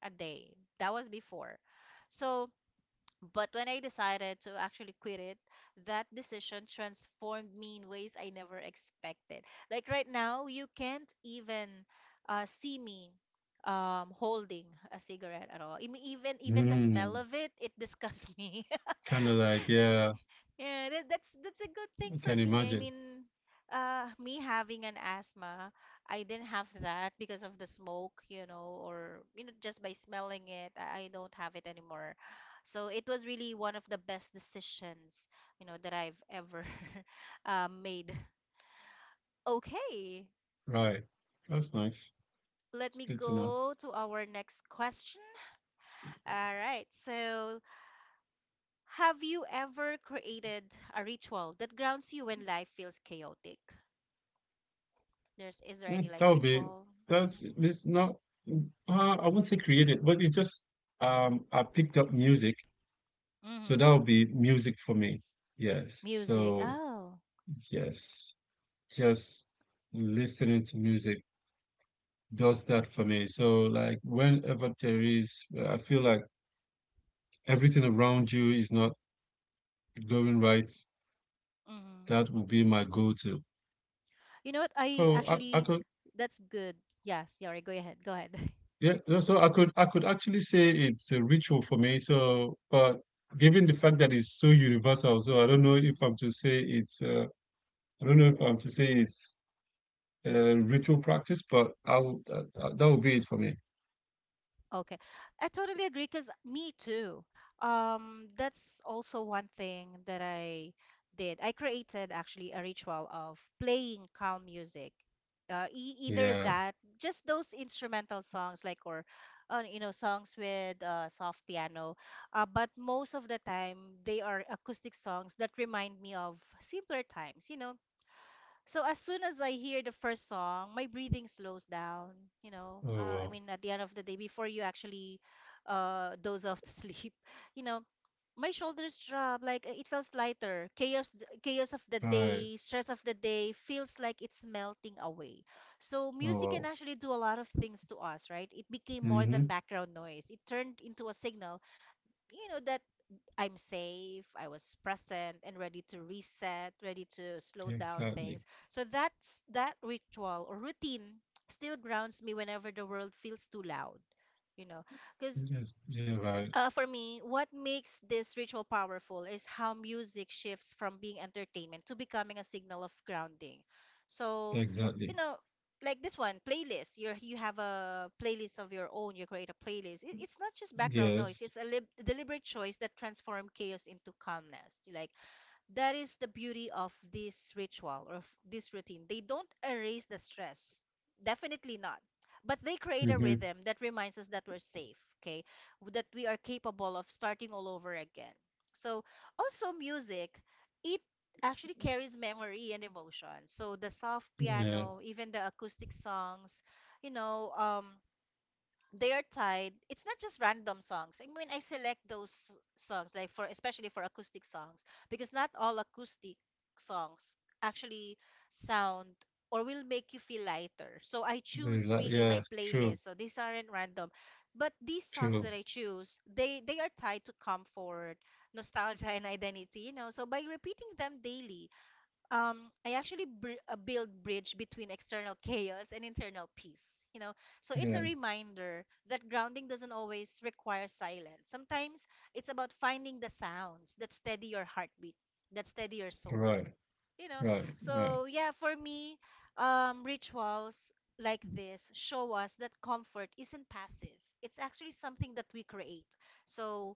A: a day. That was before. So, but when I decided to actually quit it, that decision transformed me in ways I never expected. Like right now, you can't even see me holding a cigarette at all. I mean, even the smell
B: Mm.
A: of it, it disgusts me.
B: Kind of like, yeah,
A: Yeah, that's a good thing
B: I
A: for
B: can
A: me. I
B: imagine.
A: mean, me having an asthma, I didn't have that because of the smoke, or just by smelling it, I don't have it anymore. So it was really one of the best decisions, that I've ever made. Okay,
B: Right. That's nice.
A: let
B: It's
A: me
B: good to know.
A: go to our next question. All right, so have you ever created a ritual that grounds you when life feels chaotic? There's Is there any
B: Mm,
A: like
B: that would be,
A: ritual?
B: that's,
A: Hmm.
B: it's not, I wouldn't say created, but it's just, I picked up music. So
A: Mm-hmm.
B: that would be music for me. Yes.
A: Music.
B: So,
A: Oh,
B: yes. Just listening to music does that for me. So like whenever there is, I feel like everything around you is not going right.
A: mm-hmm.
B: That would be my go-to.
A: You know what? I
B: So I
A: actually
B: could,
A: That's good. Yes, Yari. Go ahead. Go ahead.
B: yeah. No, so I could actually say it's a ritual for me. So, but given the fact that it's so universal, so I don't know if I'm to say it's, I don't know if I'm to say it's a ritual practice, but I would, that would be it for me.
A: Okay. I totally agree because me too. That's also one thing that I did. I created actually a ritual of playing calm music. E either
B: Yeah.
A: that, just those instrumental songs like or songs with soft piano. But most of the time they are acoustic songs that remind me of simpler times, you know, so as soon as I hear the first song, my breathing slows down.
B: Oh
A: I
B: wow.
A: mean, at the end of the day, before you actually doze off to sleep, you know, my shoulders drop, like it feels lighter. Chaos, chaos of the
B: Right.
A: day, stress of the day feels like it's melting away. So
B: Oh
A: music
B: wow.
A: can actually do a lot of things to us, right? It became more than
B: Hmm.
A: background noise. It turned into a signal, that I'm safe, I was present and ready to reset, ready to slow down
B: Exactly.
A: things. So that's that ritual or routine still grounds me whenever the world feels too loud. You know, because
B: Yes, yeah. Right.
A: for me, what makes this ritual powerful is how music shifts from being entertainment to becoming a signal of grounding. So,
B: Exactly.
A: you know, like this one, playlist. You have a playlist of your own. You create a playlist. It's not just background noise.
B: Yes.
A: It's a lib deliberate choice that transforms chaos into calmness. Like that is the beauty of this ritual or of this routine. They don't erase the stress. Definitely not. But they create a
B: Hmm.
A: rhythm that reminds us that we're safe, okay? That we are capable of starting all over again. So, also music, it actually carries memory and emotion. So, the soft
B: Yeah.
A: piano, even the acoustic songs, you know, um, they are tied. It's not just random songs. I mean, I select those songs, like, for, especially for acoustic songs, because not all acoustic songs actually sound or will make you feel lighter, so I choose really
B: Yeah.
A: my
B: True.
A: playlist. So these aren't random, but these songs
B: True.
A: that I choose, they are tied to comfort, nostalgia, and identity. So by repeating them daily, I actually build bridge between external chaos and internal peace. You know, so it's a
B: Yeah.
A: reminder that grounding doesn't always require silence. Sometimes it's about finding the sounds that steady your heartbeat, that steady your soul
B: Right.
A: you know
B: Right. Right.
A: so yeah, for me, rituals like this show us that comfort isn't passive, it's actually something that we create. So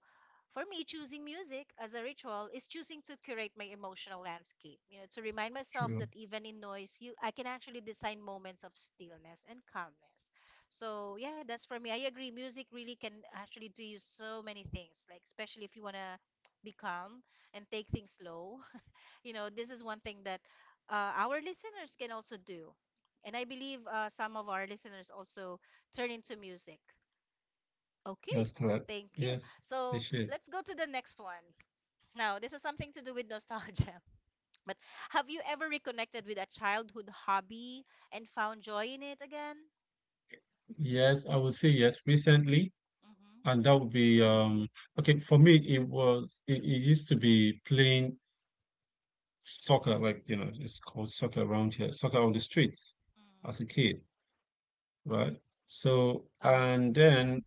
A: for me, choosing music as a ritual is choosing to curate my emotional landscape, to remind myself
B: True.
A: that even in noise you I can actually design moments of stillness and calmness. So yeah, that's for me. I agree, music really can actually do you so many things, like especially if you want to be calm and take things slow. This is one thing that our listeners can also do, and I believe some of our listeners also turn into music. Okay,
B: That's correct.
A: thank you.
B: Yes. They
A: So
B: should.
A: let's go to the next one. Now, this is something to do with nostalgia, but have you ever reconnected with a childhood hobby and found joy in it again?
B: Yes, I would say yes recently,
A: Mm-hmm.
B: and that would be okay for me. It was it used to be playing soccer, like you know, it's called soccer around here, soccer on the streets
A: Mm.
B: as a kid, right? So
A: Uh-huh.
B: and then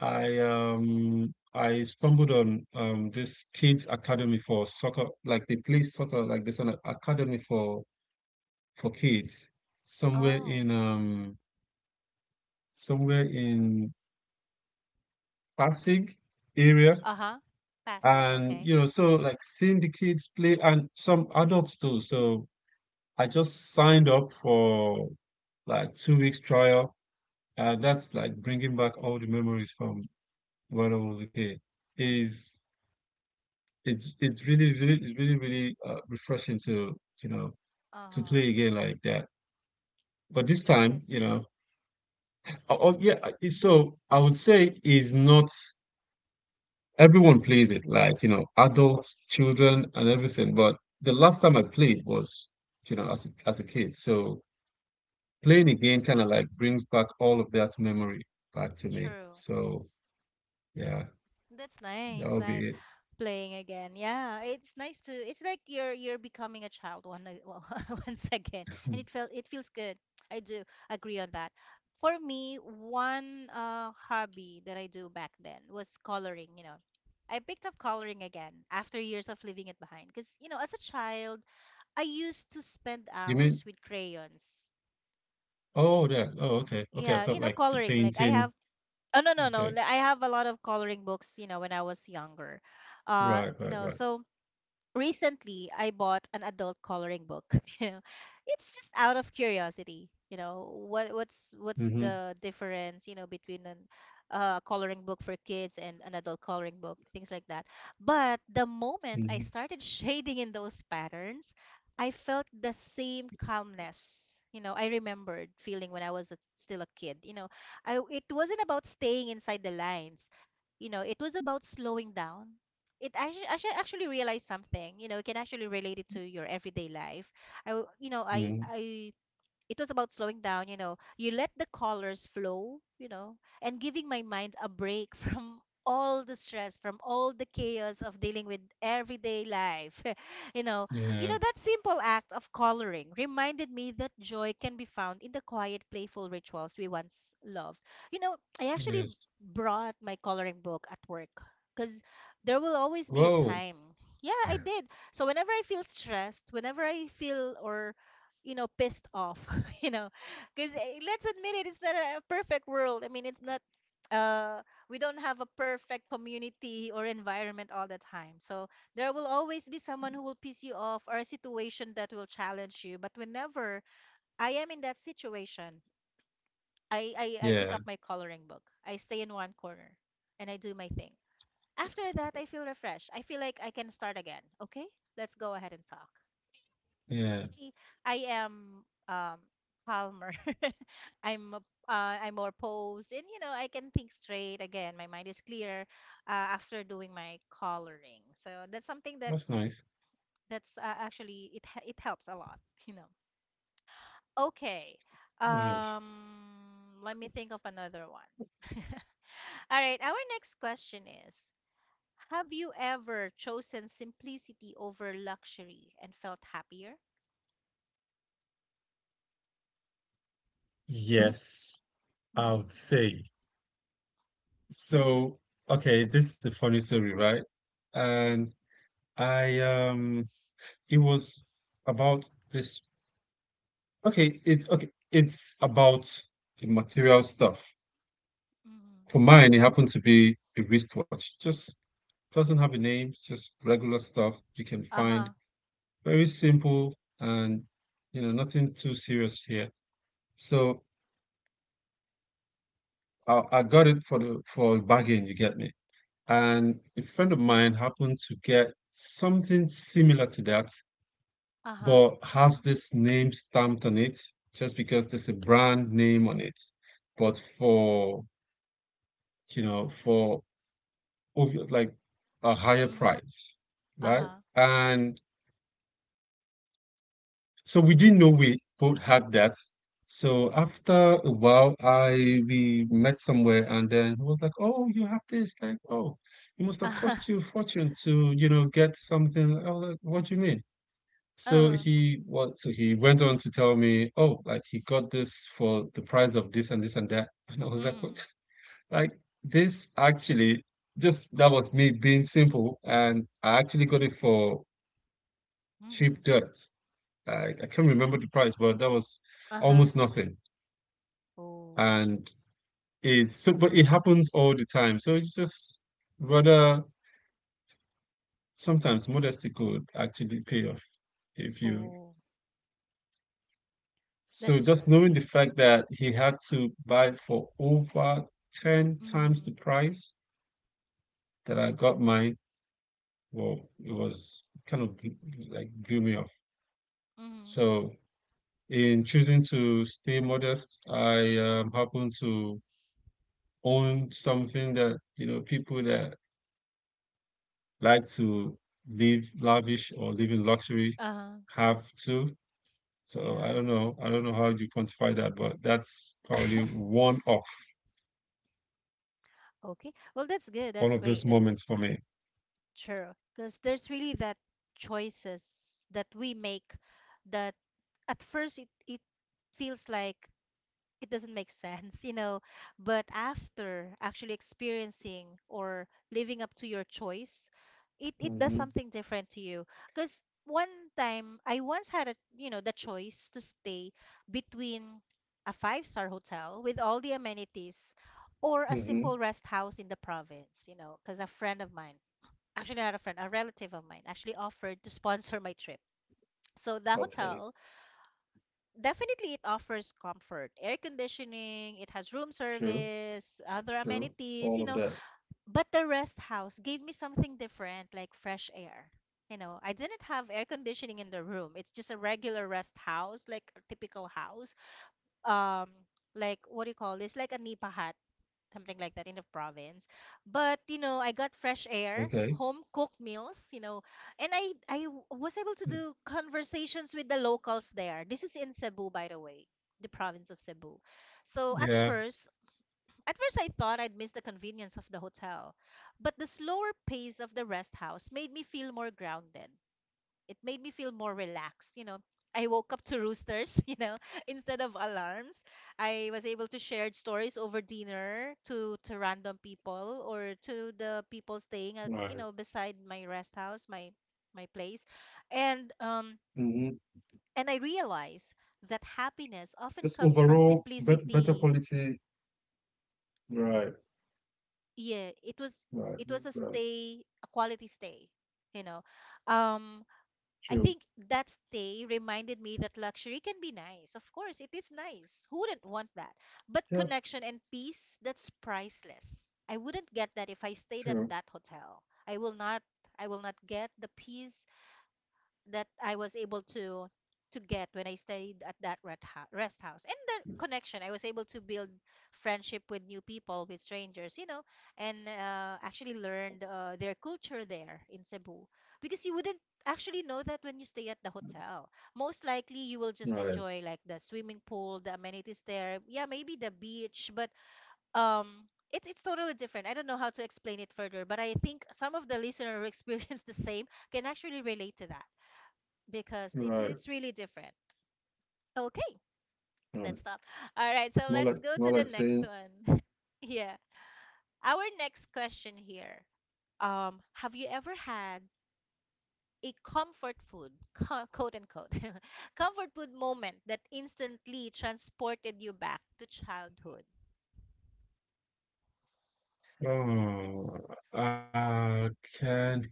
B: I stumbled on this kids academy for soccer, like they play soccer, like there's an academy for kids somewhere
A: Oh.
B: in somewhere in Pasig area,
A: Uh-huh. Pasig.
B: and
A: Okay.
B: you know so like seeing the kids play and some adults too. So I just signed up for like two weeks trial, and
A: Mm.
B: that's like bringing back all the memories from when I was a kid. Is it's really really refreshing to you know to play a
A: Uh-huh.
B: game like that. But this time,
A: Yes.
B: you know, oh, oh, yeah. I- So I would say is not everyone plays it, like you know, adults, children, and everything. But the last
A: Mm.
B: time I played was you know as a kid. So playing again
A: Mm.
B: kind of like brings back all of that memory back to me.
A: True.
B: So yeah,
A: That's nice,
B: that would
A: nice.
B: be it.
A: Playing again. Yeah, it's nice to it's like you're becoming a child well, once again. And it feels good. I do agree on that. For me, one hobby that I do back then was coloring. I picked up coloring again after years of leaving it behind because, as a child, I used to spend
B: You mean?
A: hours with crayons.
B: Oh, that. Oh,
A: Mm-hmm.
B: okay. Okay. I
A: Yeah,
B: thought like the
A: coloring. Like I
B: painting.
A: have Oh no no no!
B: Okay.
A: Like, I have a lot of coloring books, you know, when I was younger. Uh,
B: Right.
A: you
B: Right.
A: know,
B: Right.
A: so recently I bought an adult coloring book. You know, it's just out of curiosity. What's
B: Mhm,
A: the difference, between an coloring book for kids and an adult coloring book, things like that. But the moment I
B: mhm,
A: started shading in those patterns, I felt the same calmness. I remembered feeling when I was still a kid. You know, I It wasn't about staying inside the lines, it was about slowing down. I should actually realize something. You know, you can actually relate it to your everyday life. I, w- you know,
B: mhm.
A: I, it was about slowing down, you know. You let the colors flow, you know, and giving my mind a break from all the stress, from all the chaos of dealing with everyday life. you know, you know
B: Yeah,
A: that simple act of coloring reminded me that joy can be found in the quiet, playful rituals we once loved. You know, I actually
B: yes.
A: brought my coloring book at work because there will always be a
B: Whoa.
A: time. Yeah, I did. So whenever I feel stressed, whenever I feel or pissed off you know because let's admit it, it's not a perfect world. I mean, it's not uh we don't have a perfect community or environment all the time, so there will always be someone who will piss you off or a situation that will challenge you. But whenever I am in that situation, I pick up
B: Yeah,
A: my coloring book. I stay in one corner and I do my thing. After that, I feel refreshed. I feel like I can start again. Okay, let's go ahead and talk.
B: yeah.
A: I I am calmer. I'm a- I'm more posed, and you know, I can think straight again. My mind is clear after doing my coloring. So that's something that
B: That's nice.
A: that's actually it helps a lot. You know. Okay.
B: Nice.
A: Let me think of another one. All right. Our next question is: have you ever chosen simplicity over luxury and felt happier?
B: Yes, I would
A: Mm-hmm.
B: say. So, okay, this is a funny story, right? And
A: Mm-hmm.
B: I it was about this okay, it's about the material stuff.
A: Mm-hmm.
B: For mine, it happened to be a wristwatch. Just doesn't have a name, it's just regular stuff you can find.
A: Uh-huh,
B: Very simple. And you know nothing too serious here. So I got it for the for a bargain, you get me. And a friend of mine happened to get something similar to that,
A: uh-huh,
B: but has this name stamped on it, just because there's a brand name on it, but for for obvi- like a higher
A: mhm,
B: price, right.
A: uh-huh,
B: And so we didn't know we both had that. So after a while, I we met somewhere, and then he was like, "Oh, you have this? Like, oh, it must have
A: uh-huh,
B: cost you a fortune to, you know, get something." I was like, "What do you mean?" So
A: uh-huh,
B: he was. So he went on to tell me, "Oh, like he got this for the price of this and this and that." And I was like, "What?"
A: mhm,
B: Like this actually, just that was me being simple, and I actually got it for cheap
A: mhm,
B: dirt. I can't remember the price, but that was
A: uh-huh.
B: almost nothing.
A: Oh,
B: And it's so, but it happens all the time. So it's just rather sometimes modesty could actually pay off if you.
A: oh,
B: So
A: that's
B: just
A: true.
B: knowing the fact that he had to buy for over 10 times the
A: Mhm,
B: price that I got mine, well, it was kind of like blew me off.
A: mhm,
B: So in choosing to stay modest, I happen to own something that, you know, people that like to live lavish or live in luxury
A: uh-huh,
B: have too. So I
A: yeah.
B: don't know. I don't know how you quantify that, but that's probably
A: Okay, well, that's good.
B: one
A: That's
B: of those
A: great. That's good.
B: moments for me.
A: Sure, because there's really that choices that we make that at first it feels like it doesn't make sense, you know. But after actually experiencing or living up to your choice, it does
B: Mm-hmm.
A: something different to you. Because one time I once had a you know the choice to stay between a five-star hotel with all the amenities or a
B: Mm-hmm.
A: simple rest house in the province, you know, because a friend of mine, actually not a friend, a relative of mine actually offered to sponsor my trip. So the
B: Okay.
A: hotel definitely, it offers comfort, air conditioning, it has room
B: True.
A: service, other
B: True.
A: amenities,
B: All
A: you
B: of
A: know.
B: that.
A: But the rest house gave me something different, like fresh air. You know, I didn't have air conditioning in the room. It's just a regular rest house, like a typical house. Um, like what do you call this? Like a nipahat something like that in the province. But you know, I got fresh air,
B: Okay.
A: home cooked meals, you know, and was able to do conversations with the locals there. This is in Cebu, by the way, the province of Cebu. So
B: Yeah.
A: at first I thought I'd miss the convenience of the hotel, but the slower pace of the rest house made me feel more grounded. It made me feel more relaxed, you know. I woke up to roosters, you know, instead of alarms. I was able to share stories over dinner to random people or to the people staying at,
B: Right.
A: you know, beside my rest house, my place. And um
B: Mm-hmm.
A: and I realized that happiness often
B: Just
A: comes from
B: overall, bet better
A: simplicity.
B: quality. Right.
A: Yeah,
B: Right.
A: it was a
B: Right.
A: stay, a quality stay, you know. Um I
B: True.
A: think that stay reminded me that luxury can be nice. Of course, it is nice. Who wouldn't want that? But
B: Yeah.
A: connection and peace, that's priceless. I wouldn't get that if I stayed
B: True.
A: at that hotel. I will not get the peace that I was able to get when I stayed at that rest house, and the connection I was able to build, friendship with new people, with strangers, you know. And actually learned their culture there in Cebu, because you wouldn't actually know that when you stay at the hotel. Most likely you will just
B: Right.
A: enjoy like the swimming pool, the amenities there, yeah, maybe the beach. But um it's totally different. I don't know how to explain it further, but I think some of the listener who experienced the same can actually relate to that, because it,
B: Right.
A: it's really different. Okay,
B: Right.
A: let's stop. All right,
B: It's
A: so
B: more like,
A: let's
B: it's
A: go
B: more
A: to
B: like
A: the
B: saying.
A: next one. Yeah, our next question here. Have you ever had a comfort food, quote unquote, comfort food moment that instantly transported you back to childhood?
B: Oh, uh, can,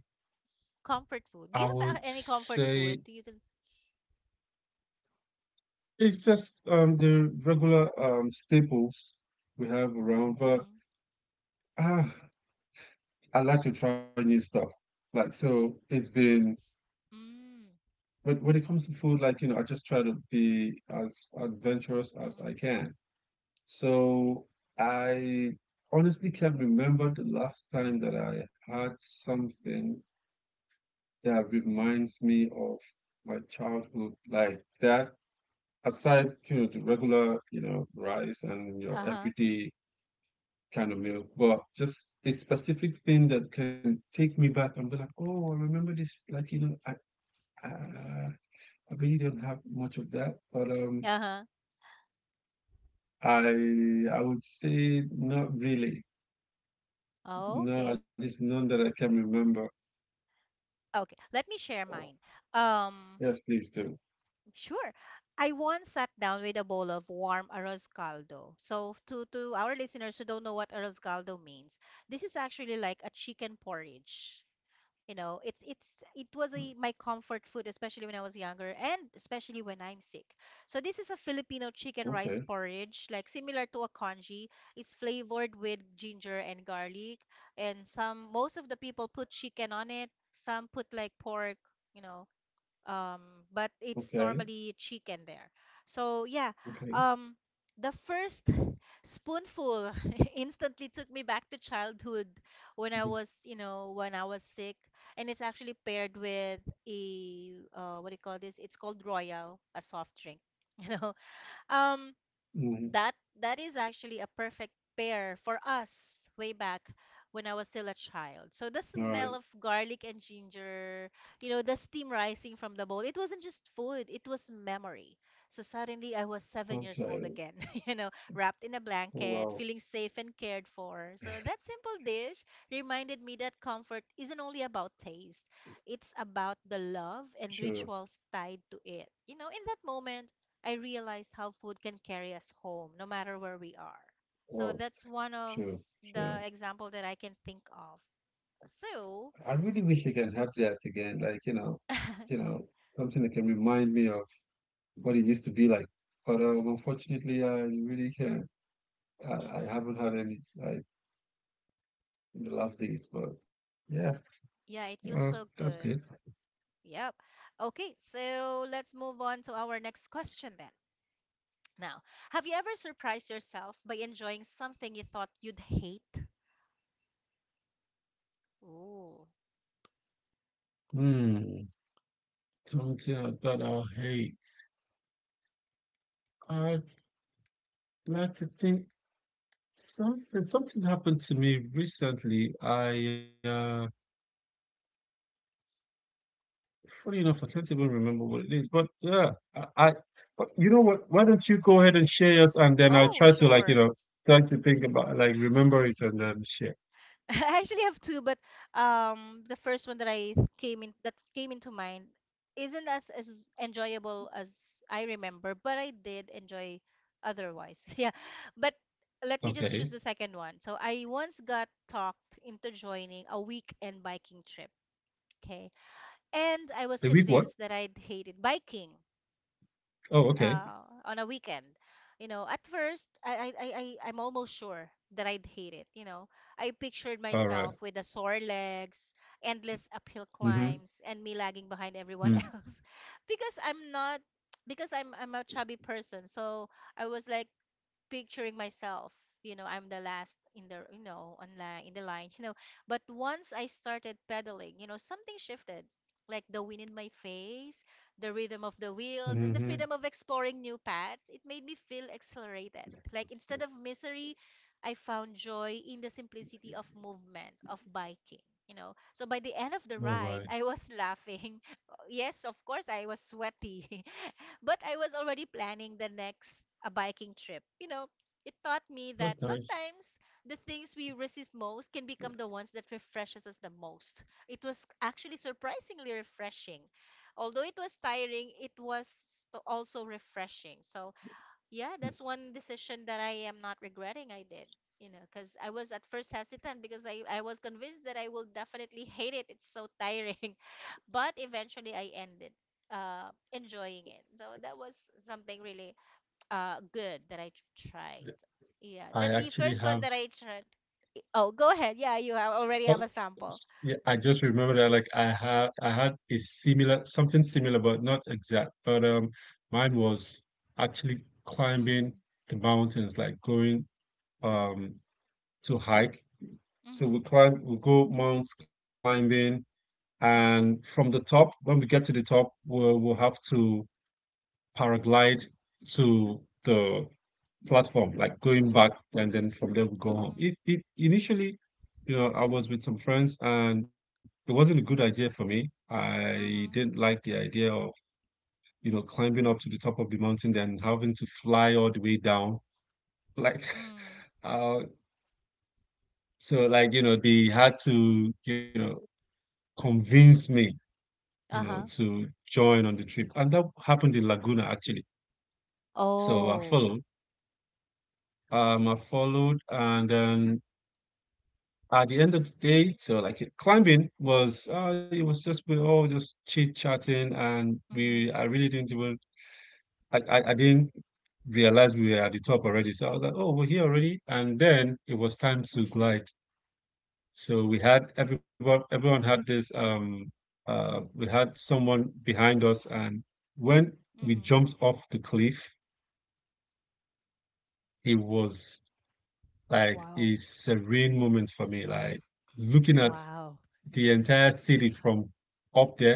A: Comfort food. Do
B: I
A: you have
B: would
A: any comfort
B: say
A: food? Do you can.
B: it's just the regular staples we have around, but
A: Mm-hmm.
B: ah, I like to try new stuff. Like, so it's been,
A: Mm,
B: but when it comes to food, like, you know, I just try to be as adventurous as I
A: mm-hmm.
B: can. So I honestly can't remember the last time that I had something that reminds me of my childhood like that. Aside, you know, the regular, you know, rice and your
A: Uh huh.
B: everyday kind of meal, but just a specific thing that can take me back and be like, oh, I remember this, like, you know. Uh, I really don't have much of that, but
A: Uh
B: I would say not really.
A: huh.
B: No, at
A: Okay.
B: least none that I can remember.
A: Okay. Let me share mine. Um,
B: Yes, please do.
A: Sure. I once sat down with a bowl of warm arroz caldo. So, to our listeners who don't know what arroz caldo means, this is actually like a chicken porridge. You know, it's it was a my comfort food, especially when I was younger, and especially when I'm sick. So this is a Filipino chicken
B: Okay,
A: rice porridge, like similar to a congee. It's flavored with ginger and garlic, and some most of the people put chicken on it. Some put like pork, you know, um, but it's
B: okay,
A: normally chicken there. So yeah,
B: okay.
A: um, the first spoonful instantly took me back to childhood when I was, you know, when I was sick, and it's actually paired with a what do you call this? It's called Royal, a soft drink. You know, um,
B: Mm-hmm.
A: that that is actually a perfect pair for us way back when I was still a child. So
B: All
A: the
B: right.
A: smell of garlic and ginger, you know, the steam rising from the bowl, it wasn't just food, it was memory. So suddenly I was 7 years old
B: Okay.
A: again, you know, wrapped in a
B: Oh,
A: blanket,
B: wow.
A: feeling safe and cared for. So that simple dish reminded me that comfort isn't only about taste, it's about the love and
B: Sure.
A: rituals tied to it. You know, in that moment, I realized how food can carry us home, no matter where we are. So
B: Oh,
A: that's one of
B: sure, sure.
A: the example that I can think of.
B: I
A: So,
B: really wish I can have that again. Like, you
A: hmm,
B: know, something that can remind me of what it used to be like. But unfortunately, I really can't. I haven't had any. Like, in the last days, but yeah,
A: yeah,
B: uh,
A: it feels
B: that's
A: so
B: good.
A: good. Yep. Okay, so let's move on to our next question then. Now, have you ever surprised yourself by enjoying something you thought you'd hate? Ooh.
B: Hmm, something that I hate. I'd like to think something happened to me recently. I funny enough, I can't even remember what it is. But yeah, I but you know what? Why don't you go ahead and share yours, and then I'll
A: Oh,
B: try to, like, you
A: sure.
B: know, try to think about like remember it and then share.
A: I actually have two, but the first one that I came in that came into mind isn't as enjoyable as I remember, but I did enjoy otherwise. Yeah, but let me just choose
B: Okay.
A: the second one. So I once got talked into joining a weekend biking trip. Okay, and
B: The
A: I was
B: week what?
A: convinced that I'd hated biking
B: Oh, okay.
A: on a weekend. You know, at first, I'm almost sure that I'd hate it. You know, I pictured
B: All right.
A: myself with the sore legs, endless uphill
B: Mm-hmm.
A: climbs, and me lagging behind
B: Mm.
A: everyone else because I'm not, because I'm a chubby person. So I was like, picturing myself, you know, I'm the last in the in the line. You know, but once I started pedaling, you know, something shifted, like the wind in my face, the rhythm of the wheels, and the
B: Mm-hmm.
A: freedom of exploring new paths. It made me feel accelerated, like instead of misery, I found joy in the simplicity of movement of biking, you know. So by the end of
B: All
A: the
B: right.
A: ride, I was laughing. Yes, of course, I was sweaty. But I was already planning the next a biking trip. You know, it taught me
B: That's
A: that
B: nice.
A: sometimes the things we resist most can become the ones that refreshes us the most. It was actually surprisingly refreshing. Although it was tiring, it was also refreshing. So yeah, that's one decision that I am not regretting I did. You know, because I was at first hesitant, because I was convinced that I will definitely hate it. It's so tiring, but eventually I ended enjoying it. So that was something really good that I tried.
B: Th-
A: Yeah,
B: I
A: the first
B: actually
A: one that
B: have,
A: I tried. Oh, go ahead. Yeah, you have already have a
B: oh,
A: sample.
B: yeah, I just remember that like I had a similar something similar but not exact. But mine was actually climbing
A: Mhm,
B: the mountains, like going um to hike. So
A: mhm,
B: we go mount climbing. And from the top, when we get to the top, we'll have to paraglide to the platform, like going back, and then from there we go home.
A: mhm,
B: It initially, you know, I was with some friends, and it wasn't a good idea for me. I didn't
A: mhm,
B: like the idea of, you know, climbing up to the top of the mountain, then having to fly all the way down. Like,
A: mhm,
B: uh, so like, you know, they had to, you know, convince me, you know,
A: uh-huh.
B: to join on the trip. And that happened in Laguna actually. So I
A: Oh,
B: followed. I followed, and then at the end of the day, so like climbing was, it was just we all just chit chatting, and
A: mhm,
B: we I really didn't even I didn't realize we were at the top already. So I was like, oh, we're here already, and then it was time to glide. So we had everyone everyone had this we had someone behind us, and when we
A: mhm,
B: jumped off the cliff, it was like
A: wow.
B: a serene moment for me. Like looking at
A: Wow.
B: the entire city from up there,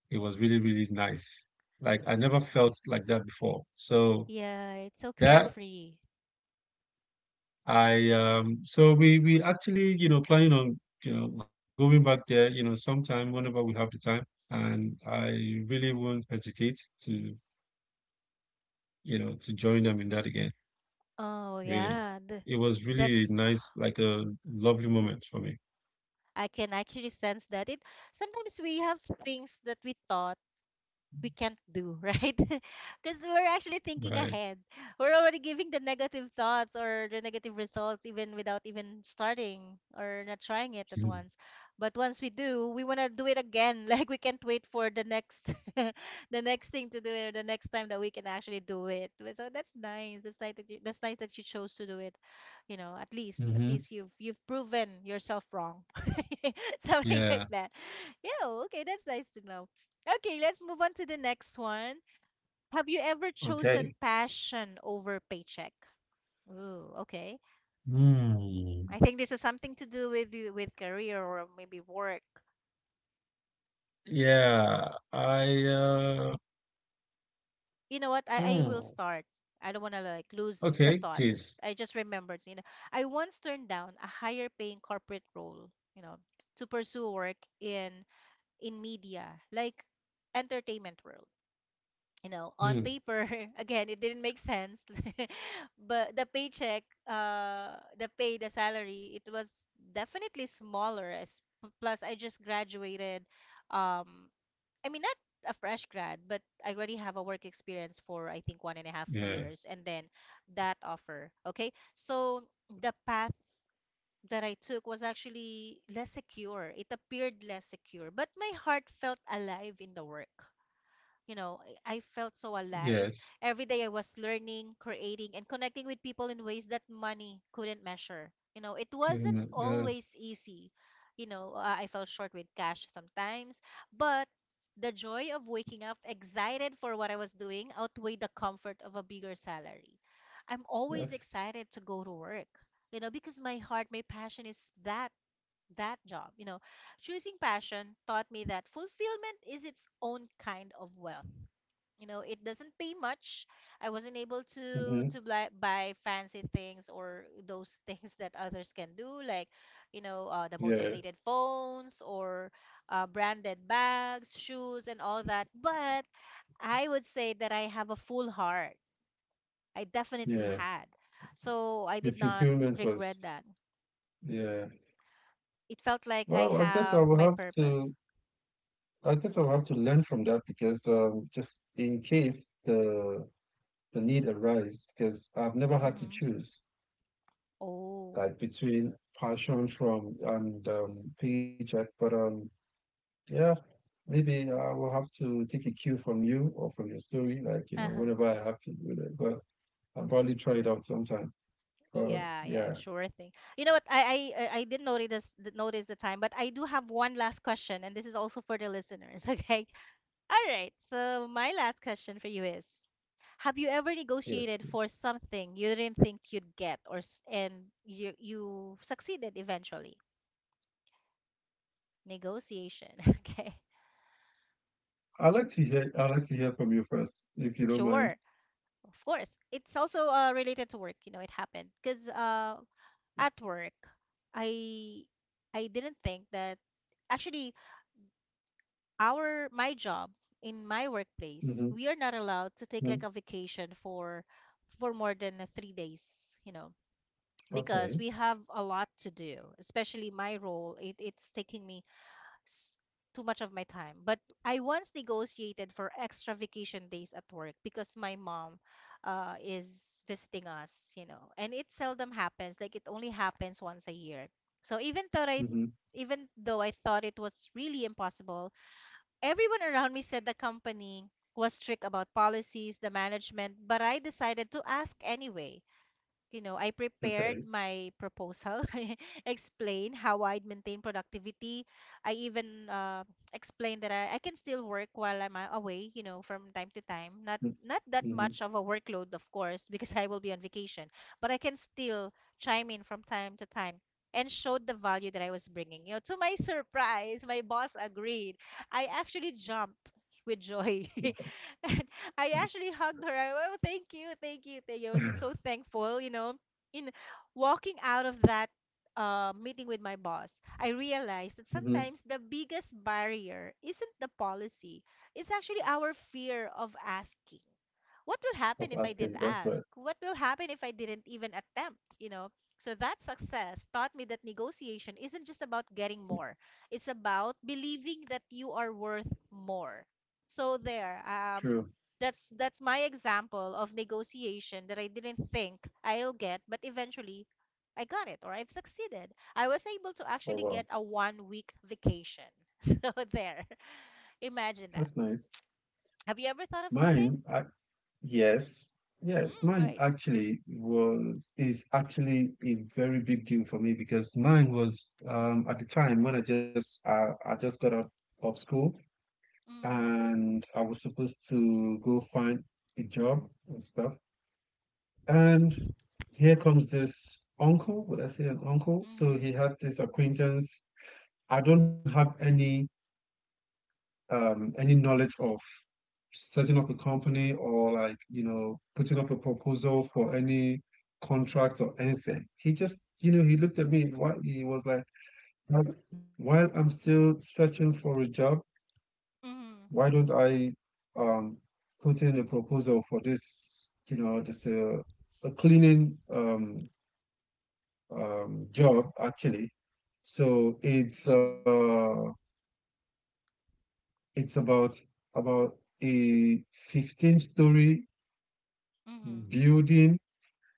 B: it was really, really nice. Like I never felt like that before. So
A: Yeah, it's so
B: that
A: carefree.
B: I so we actually, you know, planning on, you know, going back there, you know, sometime whenever we have the time. And I really won't hesitate to, you know, to join them in that again.
A: Oh,
B: Really.
A: yeah. The
B: It was really
A: that's
B: nice, like a lovely moment for me.
A: I can actually sense that it sometimes we have things that we thought we can't do, right? Because we're actually thinking
B: Right.
A: ahead. We're already giving the negative thoughts or the negative results even without even starting or not trying it at once. But once we do, we want to do it again. Like we can't wait for the next the next thing to do it, or the next time that we can actually do it. But so that's nice. That's nice that you, that's nice that you chose to do it. You know, at least
B: Mm-hmm.
A: you've proven yourself wrong. Something
B: Yeah.
A: like that. Yeah, okay, that's nice to know. Okay, let's move on to the next one. Have you ever
B: Okay.
A: chosen passion over paycheck? Ooh, okay.
B: Hmm.
A: I think this is something to do with with career or maybe work.
B: Yeah. I uh
A: You know what? I
B: hmm.
A: will start. I don't want to like lose
B: Okay,
A: the thought.
B: please.
A: I just remembered, you know, I once turned down a higher paying corporate role, you know, to pursue work in media, like entertainment world. You know,
B: Hmm.
A: on paper, again, it didn't make sense. But the paycheck, the pay, the salary, it was definitely smaller. As plus, I just graduated. Um, I mean, not a fresh grad, but I already have a work experience for I think one and a half
B: Yeah.
A: years, and then that offer. Okay, so the path that I took was actually less secure. It appeared less secure, but my heart felt alive in the work. You know, I felt so alive.
B: Yes.
A: Every day I was learning, creating, and connecting with people in ways that money couldn't measure. You know, it
B: Hmm,
A: wasn't
B: uh,
A: always easy. You know, I fell short with cash sometimes, but the joy of waking up excited for what I was doing outweighed the comfort of a bigger salary. I'm always
B: yes.
A: excited to go to work, you know, because my heart, my passion is that job. You know, choosing passion taught me that fulfillment is its own kind of wealth. You know, it doesn't pay much. I wasn't able
B: Mhm.
A: to to buy fancy things or those things that others can do, like, you know, the most
B: Yeah,
A: updated phones or branded bags, shoes, and all that. But I would say that I have a full heart. I definitely
B: yeah.
A: had. So I
B: The
A: did not
B: fulfillment
A: regret
B: was,
A: that.
B: yeah.
A: It felt
B: Well,
A: like I have my purpose.
B: I guess I will have to learn from that because just in case the need arise, because I've never had to
A: Mm-hmm.
B: choose
A: Oh.
B: like between passion from and paycheck. But yeah, maybe I will have to take a cue from you or from your story, like you know, whenever I have to do that. But I'll probably try it out sometime. But
A: Yeah, yeah,
B: yeah,
A: sure thing. You know what? I didn't notice notice the time, but I do have one last question, and this is also for the listeners. Okay. All right. So my last question for you is: have you ever negotiated
B: yes.
A: for something you didn't think you'd get, or and you succeeded eventually? Negotiation. Okay.
B: I like to hear from you first, if you don't mind.
A: Sure. Of course. It's also related to work. You know, it happened because at work, I I didn't think that actually our my job in my
B: Mm-hmm.
A: workplace, we are not allowed to
B: Mm.
A: take like a vacation for more than 3 days, you know,
B: Okay.
A: because we have a lot to do, especially my role. It's taking me s- too much of my time. But I once negotiated for extra vacation days at work because my mom is visiting us, you know, and it seldom happens. Like it only happens once a year. So
B: Mm-hmm.
A: even though I thought it was really impossible, everyone around me said the company was strict about policies, the management, but I decided to ask anyway. You know, I prepared
B: Okay.
A: my proposal. I explained how I'd maintain productivity. I even explained that I can still work while I'm away, you know, from time to time. Not that
B: Mm-hmm.
A: much of a workload, of course, because I will be on vacation, but I can still chime in from time to time and showed the value that I was bringing. You know, to my surprise, my boss agreed. I actually jumped with joy. And I actually hugged her. I, oh, thank you, thank you, thank you. I was so thankful, you know. In walking out of that meeting with my boss, I realized that
B: Mm-hmm.
A: sometimes the biggest barrier isn't the policy, it's actually our fear of asking. What will
B: Of
A: happen if I
B: asking.
A: didn't
B: That's right.
A: ask? What will happen if I didn't even attempt? You know? So that success taught me that negotiation isn't just about getting more. It's about believing that you are worth more. So there,
B: True.
A: that's my example of negotiation that I didn't think I'll get, but eventually I got it or I've succeeded. I was able to
B: Oh
A: actually get
B: wow.
A: a 1 week vacation. So there. Imagine
B: That's
A: that.
B: nice.
A: Have you ever thought of something?
B: Mine. Yes. Yes.
A: Mm,
B: Mine
A: great.
B: actually was is actually a very big deal for me because mine was at the time when I just got out of school
A: Mhm.
B: and I was supposed to go find a job and stuff. And here comes this uncle. Would I say an uncle? So
A: Mhm.
B: he had this acquaintance. I don't have any knowledge of setting up a company or like, you know, putting up a proposal for any contract or anything. He just, you know, he looked at me. Why he was like, "Well, while I'm still searching for a job,
A: Mhm.
B: why don't I um put in a proposal for this, you know, this a cleaning job actually. So
A: Mhm.
B: it's about a 15-story
A: Mhm.
B: building.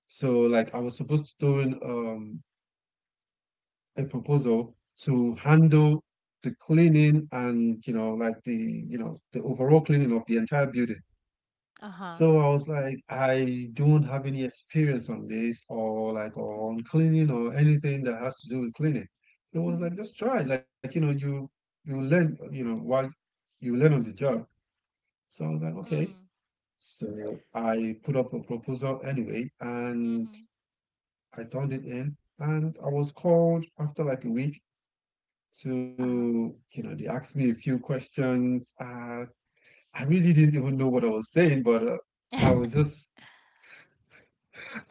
B: So like I was supposed to do an, a proposal to handle the cleaning, and you know like the, you know, the overall cleaning of the entire building."
A: Uh-huh.
B: So I was like, I don't have any experience on this, or like on cleaning or anything that has to do with cleaning. It was like, just try. Like, you know, you learn, you know, while you learn on the job. So I was like, okay.
A: Mhm.
B: So I put up a proposal anyway, and
A: Mhm.
B: I turned it in, and I was called after like a week
A: Uh-huh.
B: to, you know, they asked me a few questions. I really didn't even know what I was saying, but I was just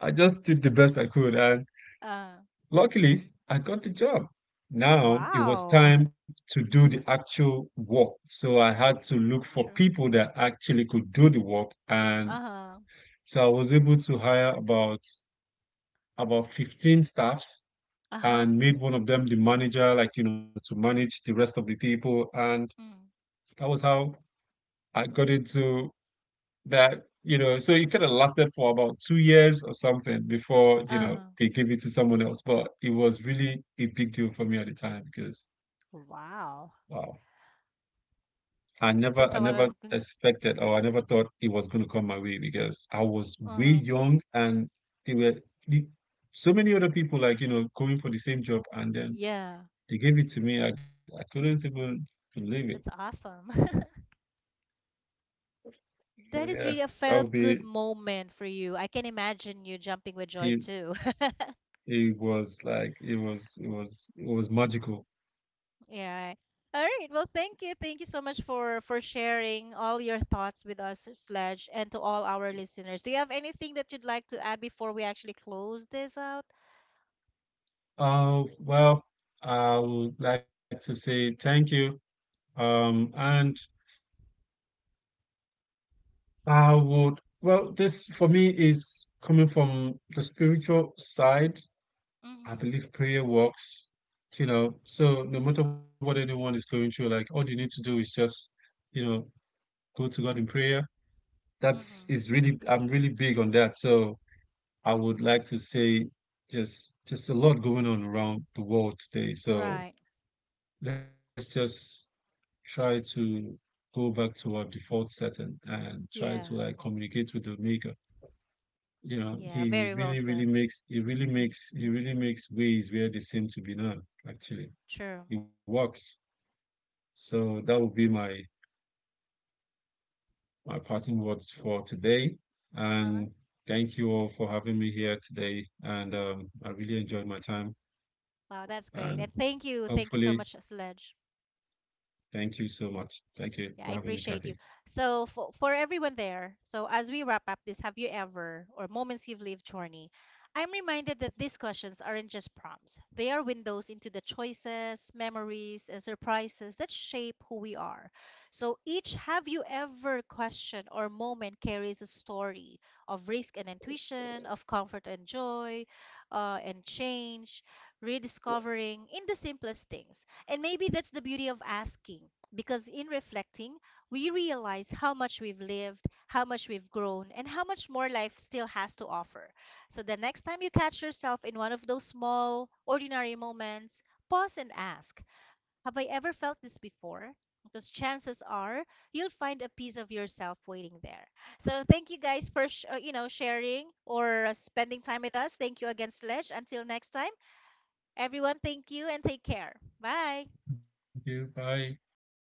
B: I just did the best I could, and
A: Uh,
B: luckily, I got the job. Now it was
A: wow.
B: time to do the actual work. So I had to look for
A: True.
B: people that actually could do the work. And
A: Uh-huh.
B: so I was able to hire about 15 staffs
A: Uh-huh.
B: and made one of them the manager, like, you know, to manage the rest of the people. And
A: Mm.
B: that was how I got into that, you know. So it kind of lasted for about 2 years or something before, you know,
A: Uh-huh.
B: they gave it to someone else, but it was really a big deal for me at the time because,
A: Wow.
B: wow, I
A: There's a
B: never
A: lot of good.
B: expected, or I never thought it was going to come my way because I was way
A: Uh-huh.
B: young, and they were the, so many other people like, you know, going for the same job, and then
A: Yeah.
B: they gave it to me. I couldn't even believe it.
A: That's awesome.
B: So
A: That is
B: yeah,
A: really a
B: that
A: felt
B: would
A: good
B: be
A: moment for you. I can imagine you jumping with joy
B: it.
A: too.
B: It was like it was magical.
A: Yeah. All right. Well, thank you. Thank you so much for sharing all your thoughts with us, Sledge, and to all our listeners. Do you have anything that you'd like to add before we actually close this out?
B: Well, I would like to say thank you. And I would, well, this for me is coming from the spiritual side. I
A: Mm-hmm.
B: believe prayer works, you know. So no matter what anyone is going through, like all you need to do is just, you know, go to God in prayer. That's
A: Mm-hmm.
B: is really, I'm really big on that. So I would
A: Mm-hmm.
B: like to say just a lot going on around the world today. So
A: Right.
B: let's just try to go back to our default setting and try to
A: Yeah.
B: like communicate with the maker. You know,
A: Yeah. Very well said.
B: he really makes ways where they seem to be none, actually.
A: True.
B: He works. So that would be my parting words for today.
A: Uh-huh.
B: And thank you all for having me here today. And I really enjoyed my time.
A: Wow, that's great.
B: And
A: And thank you. Thank you so
B: hopefully,
A: much, Sledge.
B: thank you so much. Thank you for
A: Yeah, I
B: having me, Kathy.
A: appreciate you. So for everyone there, so as we wrap up this have you ever or moments you've lived journey, I'm reminded that these questions aren't just prompts. They are windows into the choices, memories, and surprises that shape who we are. So each have you ever question or moment carries a story of risk and intuition, of comfort and joy, and change, rediscovering in the simplest things. And maybe that's the beauty of asking because in reflecting, we realize how much we've lived, how much we've grown, and how much more life still has to offer. So the next time you catch yourself in one of those small, ordinary moments, pause and ask, have I ever felt this before? Because chances are you'll find a piece of yourself waiting there. So thank you guys for you know sharing or spending time with us. Thank you again, Sledge. Until next time, everyone. Thank you and take care. Bye.
B: Thank you. Bye.